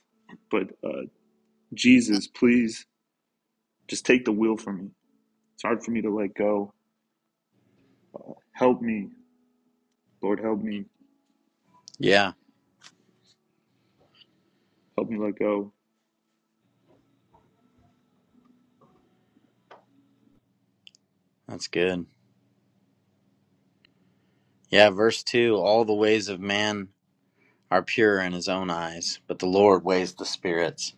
but uh, Jesus, please just take the wheel from me. It's hard for me to let go. Help me, Lord, help me. Yeah, Help me let go that's good. Yeah, verse 2 All the ways of man are pure in his own eyes, but the Lord weighs the spirits.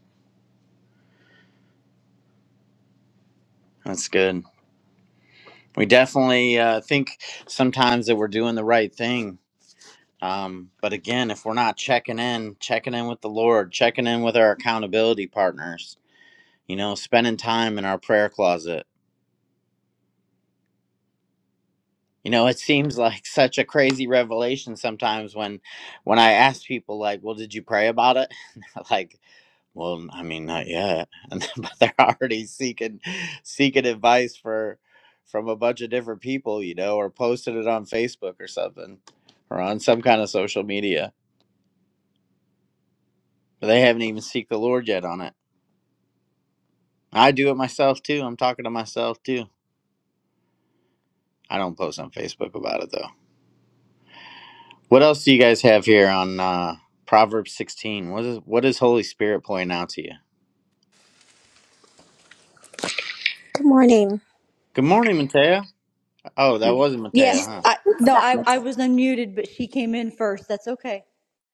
That's good. We definitely uh, think sometimes that we're doing the right thing Um, but again, if we're not checking in, checking in with the Lord, checking in with our accountability partners, you know, spending time in our prayer closet. You know, it seems [LAUGHS] like such a crazy revelation sometimes when when I ask people like, "Well, did you pray about it?" [LAUGHS] And they're like, "Well, I mean, not yet." [LAUGHS] And but they're already seeking seeking advice for from a bunch of different people, you know, or posted it on Facebook or something or on some kind of social media. But they haven't even seek the Lord yet on it. I do it myself too. I'm talking to myself too. I don't post on Facebook about it though. What else do you guys have here on uh, Proverbs 16? What is what is Holy Spirit pointing out to you? Good morning. Good morning, Matea. Oh, that wasn't yeah. Matea, huh? I, It's no, that I, much. I was unmuted, but she came in first. That's okay.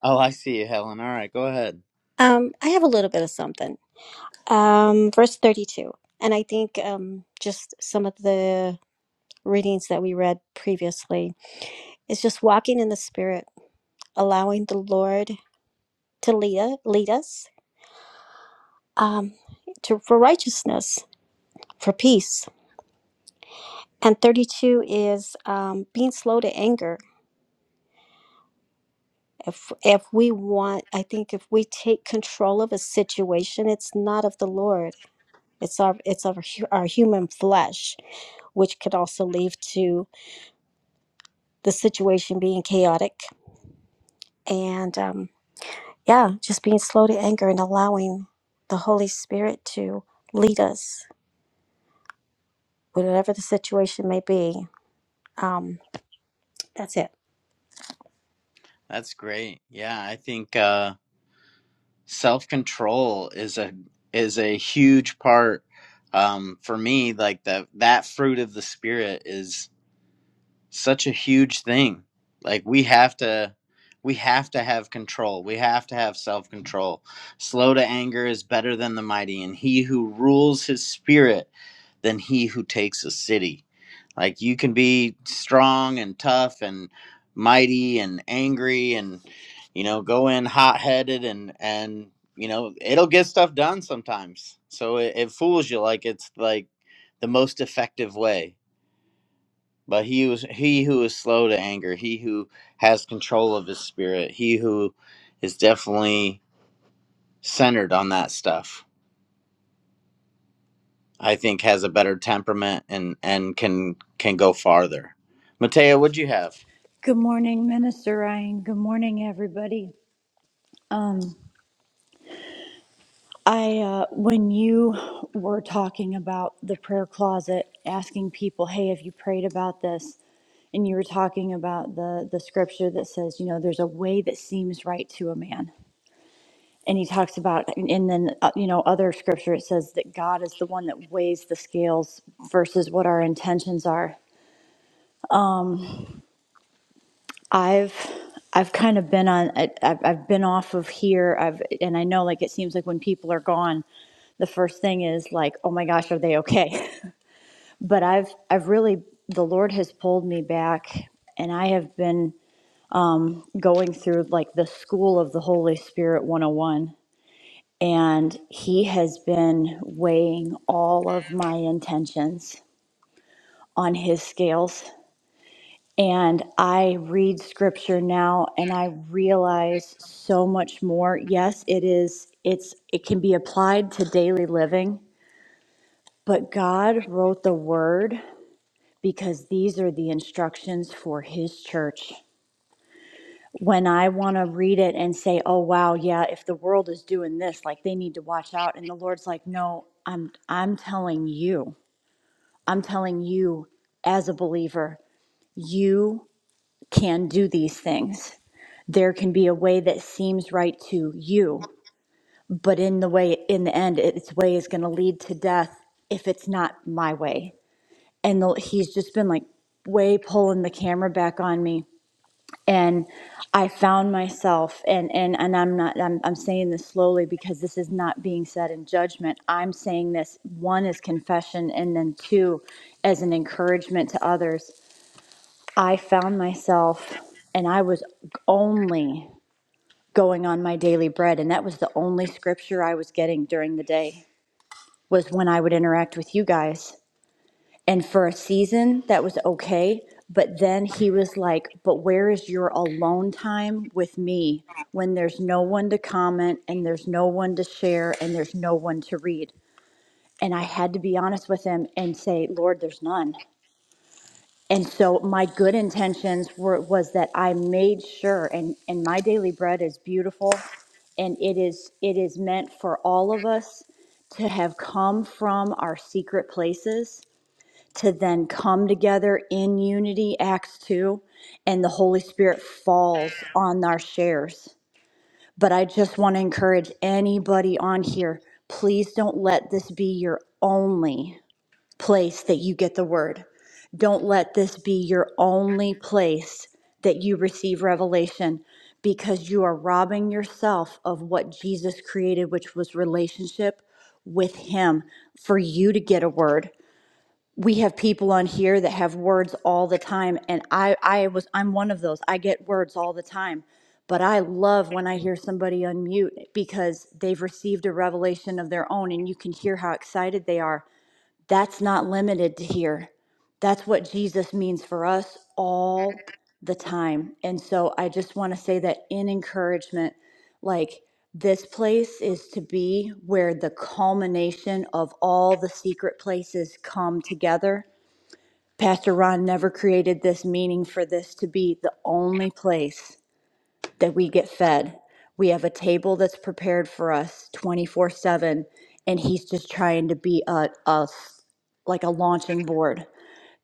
Oh, I see you, Helen. All right, go ahead. Um, I have a little bit of something. Um, verse 32. And I think um, just some of the readings that we read previously is just walking in the Spirit, allowing the Lord to lead, u- lead us um, to, for righteousness, for peace. And 32 is um, being slow to anger. If, if we want, I think if we take control of a situation, it's not of the Lord It's our it's our hu- our human flesh, which could also lead to the situation being chaotic and um, yeah, just being slow to anger and allowing the Holy Spirit to lead us, whatever the situation may be. Um, that's it. That's great. Yeah, I think uh, self control is a is a huge part um, for me. Like the that fruit of the spirit is such a huge thing. Like we have to we have to have control. We have to have self-control. Slow to anger is better than the mighty and he who rules his spirit than he who takes a city. Like you can be strong and tough and mighty and angry and you know go in hot-headed and and you know it'll get stuff done sometimes. So it, it fools you like it's like the most effective way but he was he who is slow to anger, he who has control of his spirit, he who is definitely centered on that stuff, I think has a better temperament and and can can go farther. Mateo, what'd you have? Good morning, Minister Ryan. Good morning, everybody. Um, I, uh, when you were talking about the prayer closet, asking people, hey, have you prayed about this? And you were talking about the, the scripture that says, you know, there's a way that seems right to a man. And he talks about, and and then, uh, you know, other scripture, it says that God is the one that weighs the scales versus what our intentions are I've I've kind of been on I- I've, I've been off of here I've and I know like it seems like when people are gone the first thing is like oh my gosh are they okay [LAUGHS] but I've I've really the Lord has pulled me back and I have been going through like the school of the Holy Spirit 101 and he has been weighing all of my intentions on his scales And I read scripture now and I realize so much more. Yes, it is it's it can be applied to daily living, but God wrote the word because these are the instructions for his church. When I want to read it and say, "Oh wow, yeah, if the world is doing this, like they need to watch out." And the Lord's like, "No, I'm I'm telling you. I'm telling you as a believer, you can do these things. there can be a way that seems right to you, but in the way, in the end, its way is going to lead to death if it's not my way. And the, he's just been like way pulling the camera back on me, and I found myself, and and and I'm not, I'm I'm saying this slowly because this is not being said in judgment. I'm saying this one is confession, and then two, as an encouragement to others. I found myself, and I was only going on my daily bread and that was the only scripture I was getting during the day was when I would interact with you guys. And for a season that was okay, but then he was like, "But where is your alone time with me when there's no one to comment and there's no one to share and there's no one to read?" And I had to be honest with him and say, "Lord, there's none." and so my good intentions were was that I made sure and and my daily bread is beautiful and it is it is meant for all of us to have come from our secret places to then come together in unity acts 2 and the holy spirit falls on our shares but I just want to encourage anybody on here please don't let this be your only place that you get the word. Don't let this be your only place that you receive revelation because you are robbing yourself of what Jesus created, which was relationship with Him for you to get a word. We have people on here that have words all the time, and I, I was I'm one of those. I get words all the time. But I love when I hear somebody unmute because they've received a revelation of their own and you can hear how excited they are that's not limited to here. That's what Jesus means for us all the time. And so I just want to say that in encouragement, like this place is to be where the culmination of all the secret places come together. Pastor Ron never created this meaning for this to be the only place that we get fed. We have a table that's prepared for us 24 7, and He's just trying to be a, a like a launching board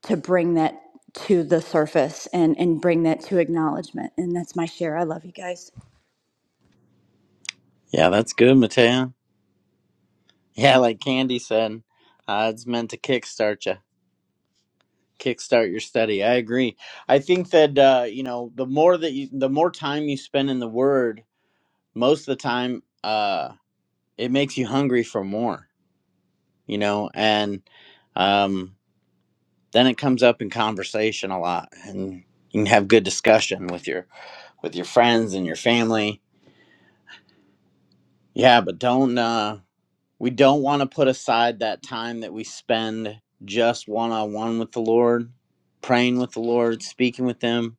to bring that to the surface and, and bring that to acknowledgement. And that's my share. I love you guys. Yeah, that's good, Mateo. Yeah, like Candy said, uh, it's meant to kickstart you, kickstart your study. I agree. I think that uh, you know the more that you, the more time you spend in the Word, most of the time, uh, it makes you hungry for more you know, and um, then it comes up in conversation a lot, and you can have good discussion with your with your friends and your family. Yeah, but don't uh, we don't want to put aside that time that we spend just one on one with the Lord, praying with the Lord, speaking with Him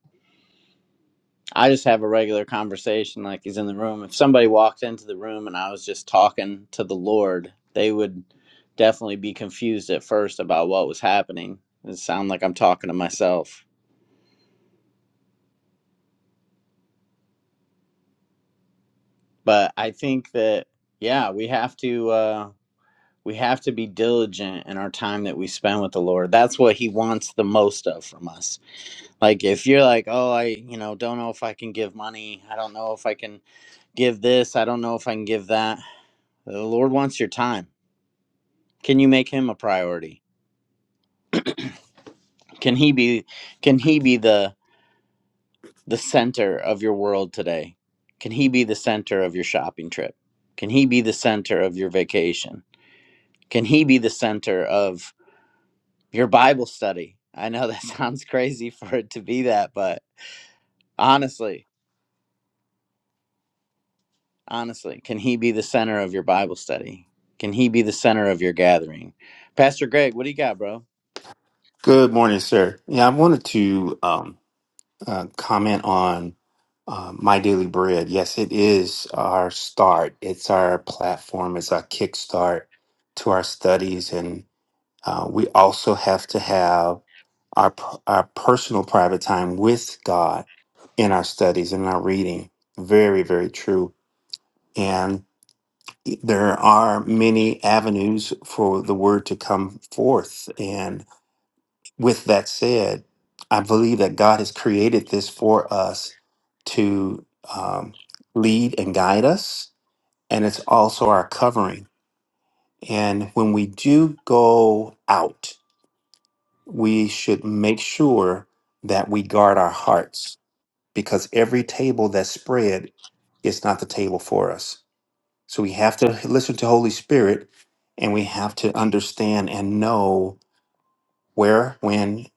I just have a regular conversation like he's in the room. If somebody walked into the room and I was just talking to the Lord, they would definitely be confused at first about what was happening. It sound like I'm talking to myself. But I think that yeah, we have to uh we have to be diligent in our time that we spend with the Lord. That's what he wants the most of from us. Like if you're like, "Oh, I, you know, don't know if I can give money. I don't know if I can give this. I don't know if I can give that." The Lord wants your time. Can you make him a priority? Can he be can he be the the center of your world today? Can he be the center of your shopping trip? Can he be the center of your vacation? Can he be the center of your Bible study? I know that [LAUGHS] sounds crazy for it to be that, but honestly, honestly, can he be the center of your Bible study? Can he be the center of your gathering? Pastor Greg, what do you got, bro? Good morning, sir. Yeah, I wanted to um, uh, comment on uh, My Daily Bread. Yes, it is our start. It's our platform. It's our kickstart to our studies, and uh, we also have to have our p- our personal private time with God in our studies and our reading. Very, very true. And there are many avenues for the word to come forth, with that said, I believe that God has created this for us to um, lead and guide us, and it's also our covering. And when we do go out, we should make sure that we guard our hearts because every table that's spread is not the table for us. So we have to listen to Holy Spirit and we have to understand and know where, when,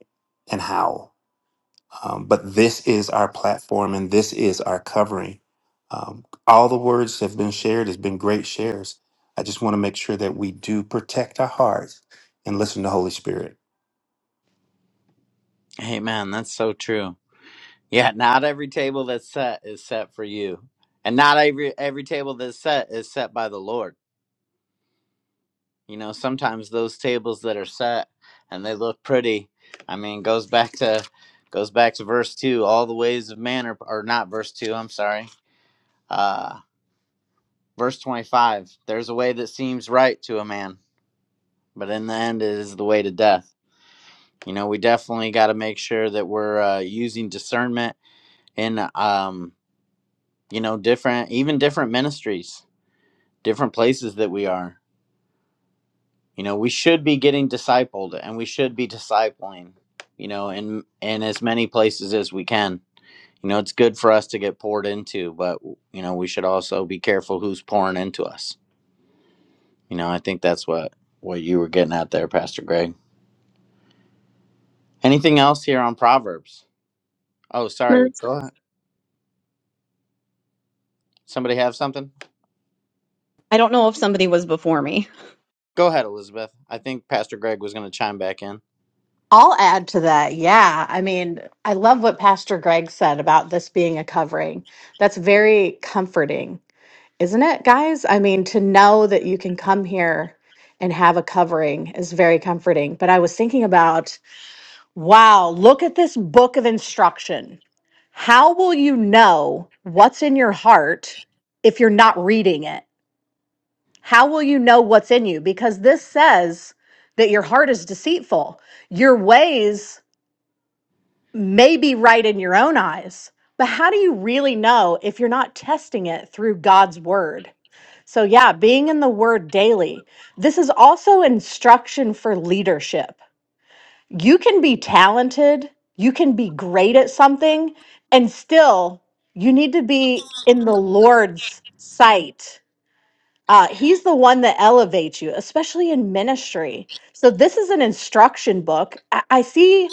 and how Um, but this is our platform and this is our covering. Um, all the words have been shared, has been great shares. I just want to make sure that we do protect our hearts and listen to Holy Spirit. Hey man, that's so true. Yeah, not every table that's set is set for you. And not every every table that's set is set by the Lord. You know, sometimes those tables that are set and they look pretty, I mean, goes back to goes back to verse 2, all the ways of man are or not verse 2, I'm sorry. Uh verse 25. There's a way that seems right to a man, but in the end it is the way to death. You know, we definitely got to make sure that we're uh, using discernment in um, you know, different even different ministries different places that we are. You know, we should be getting discipled and we should be discipling, you know, in in as many places as we can. You know, it's good for us to get poured into, but you know, we should also be careful who's pouring into us. You know, I think that's what what you were getting at there, Pastor Greg. Anything else here on Proverbs? Oh, sorry. Miss- Go ahead. Somebody have something? I don't know if somebody was before me. Go ahead, Elizabeth. I think Pastor Greg was going to chime back in. because this says that your heart is deceitful. Your ways may be right in your own eyes, but how do you really know if you're not testing it through God's word? So, yeah, being in the word daily. This is also instruction for leadership. You can be talented, you can be great at something, and still you need to be in the Lord's sight. Uh, he's the one that elevates you, especially in ministry. So this is an instruction book. I, I see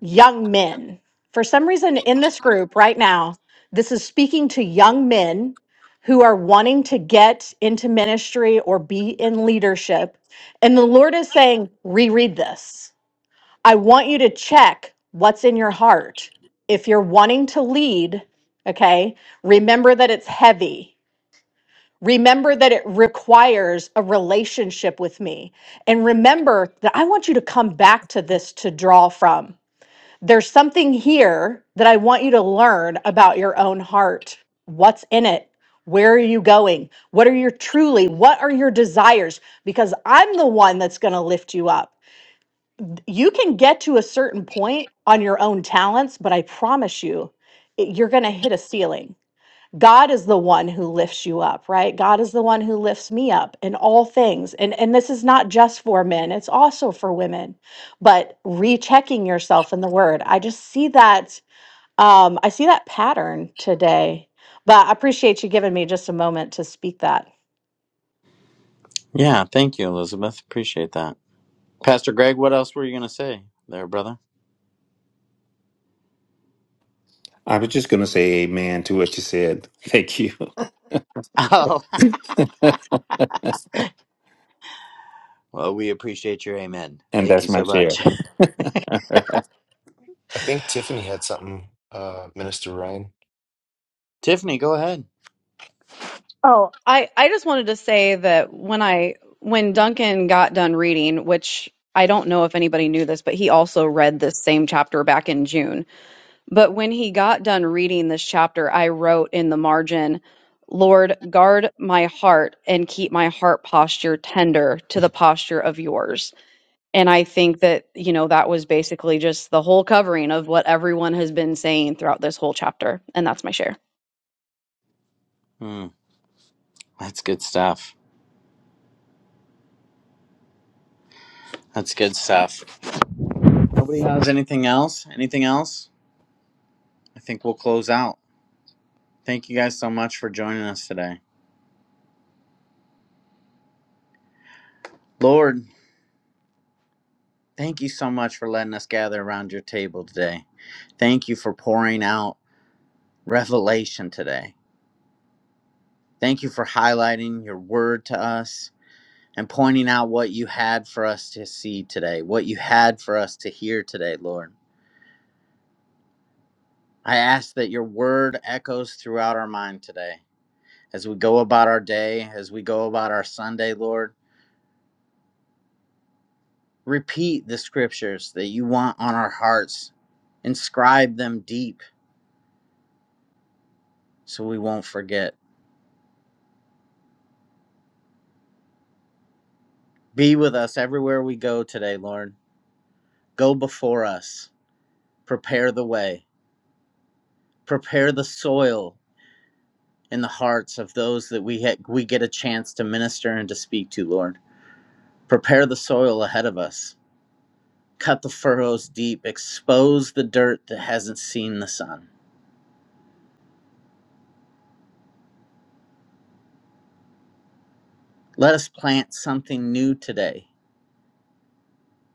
young men for some reason in this group right now. This is speaking to young men who are wanting to get into ministry or be in leadership, and the Lord is saying, reread this. I want you to check what's in your heart. If you're wanting to lead, okay, remember that it's heavy Remember that it requires a relationship with me. And remember that I want you to come back to this to draw from. There's something here that I want you to learn about your own heart. What's in it? Where are you going? What are your truly, what are your desires? Because I'm the one that's going to lift you up. You can get to a certain point on your own talents, but I promise you, it- you're going to hit a ceiling God is the one who lifts you up, right? God is the one who lifts me up in all things. And and this is not just for men, it's also for women. But rechecking yourself in the word. I just see that um I see that pattern today. But I appreciate you giving me just a moment to speak that. Yeah, thank you, Elizabeth. Appreciate that. Pastor Greg, what else were you going to say there, brother? I was just going to say amen to what you said. Thank you. Oh, [LAUGHS] and [LAUGHS] well, we appreciate your amen. Thank you that's my so share. much. [LAUGHS] i think tiffany had something uh minister ryan [LAUGHS] Tiffany, go ahead. Oh, I, I just wanted to say that when I when Duncan got done reading, which I don't know if anybody knew this, but he also read this same chapter back in June. But when he got done reading this chapter, I wrote in the margin, Lord, guard my heart and keep my heart posture tender to the posture of yours. And I think that, you know, that was basically just the whole covering of what everyone has been saying throughout this whole chapter. And that's my share. Hmm, that's good stuff. That's good stuff. Nobody has anything else? Anything else? I think we'll close out. Thank you guys so much for joining us today. Lord, thank you so much for letting us gather around your table today. Thank you for pouring out revelation today. Thank you for highlighting your word to us and pointing out what you had for us to see today, what you had for us to hear today, Lord. I ask that your word echoes throughout our mind today as we go about our day, as we go about our Sunday, Lord. Repeat the scriptures that you want on our hearts, inscribe them deep so we won't forget. Be with us everywhere we go today, Lord. Go before us, prepare the way, prepare the soil in the hearts of those that we, ha- we get a chance to minister and to speak to, Lord. Prepare the soil ahead of us cut the furrows deep, expose the dirt that hasn't seen the sun. Let us plant something new today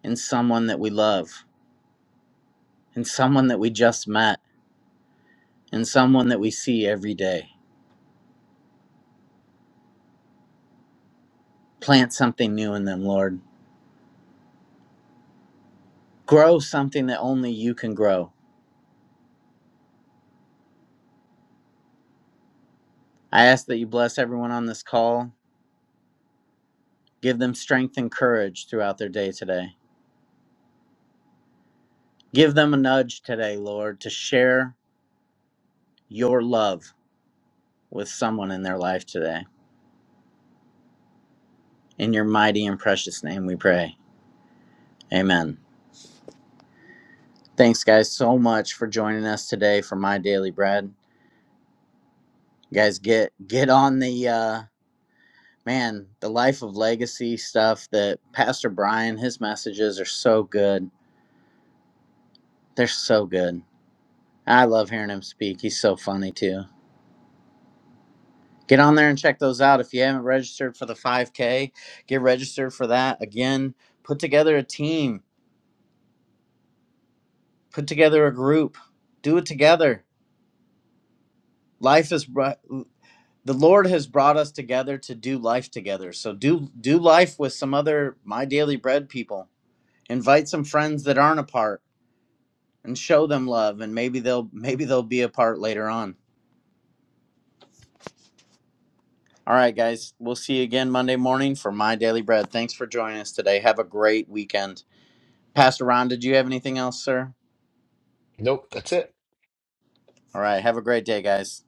in someone that we love, in someone that we just met, in someone that we see every day. Plant something new in them, Lord. Grow something that only you can grow. I ask that you bless everyone on this call. Give them strength and courage throughout their day today. Give them a nudge today, Lord, to share your love with someone in their life today. In your mighty and precious name we pray. Amen. Thanks, guys, so much for joining us today for my daily bread. You guys, get get on the uh, man, the life of legacy stuff that Pastor Brian. His messages are so good. They're so good. I love hearing him speak. He's so funny too. Get on there and check those out. If you haven't registered for the 5K, get registered for that. Again, put together a team, put together a group, do it together. Life is bright. the Lord has brought us together to do life together. So do do life with some other my daily bread people. Invite some friends that aren't apart and show them love and maybe they'll maybe they'll be apart later on. All right guys, we'll see you again Monday morning for my daily bread. Thanks for joining us today. Have a great weekend. Pastor Ron, did you have anything else, sir? nope that's it All right, have a great day, guys.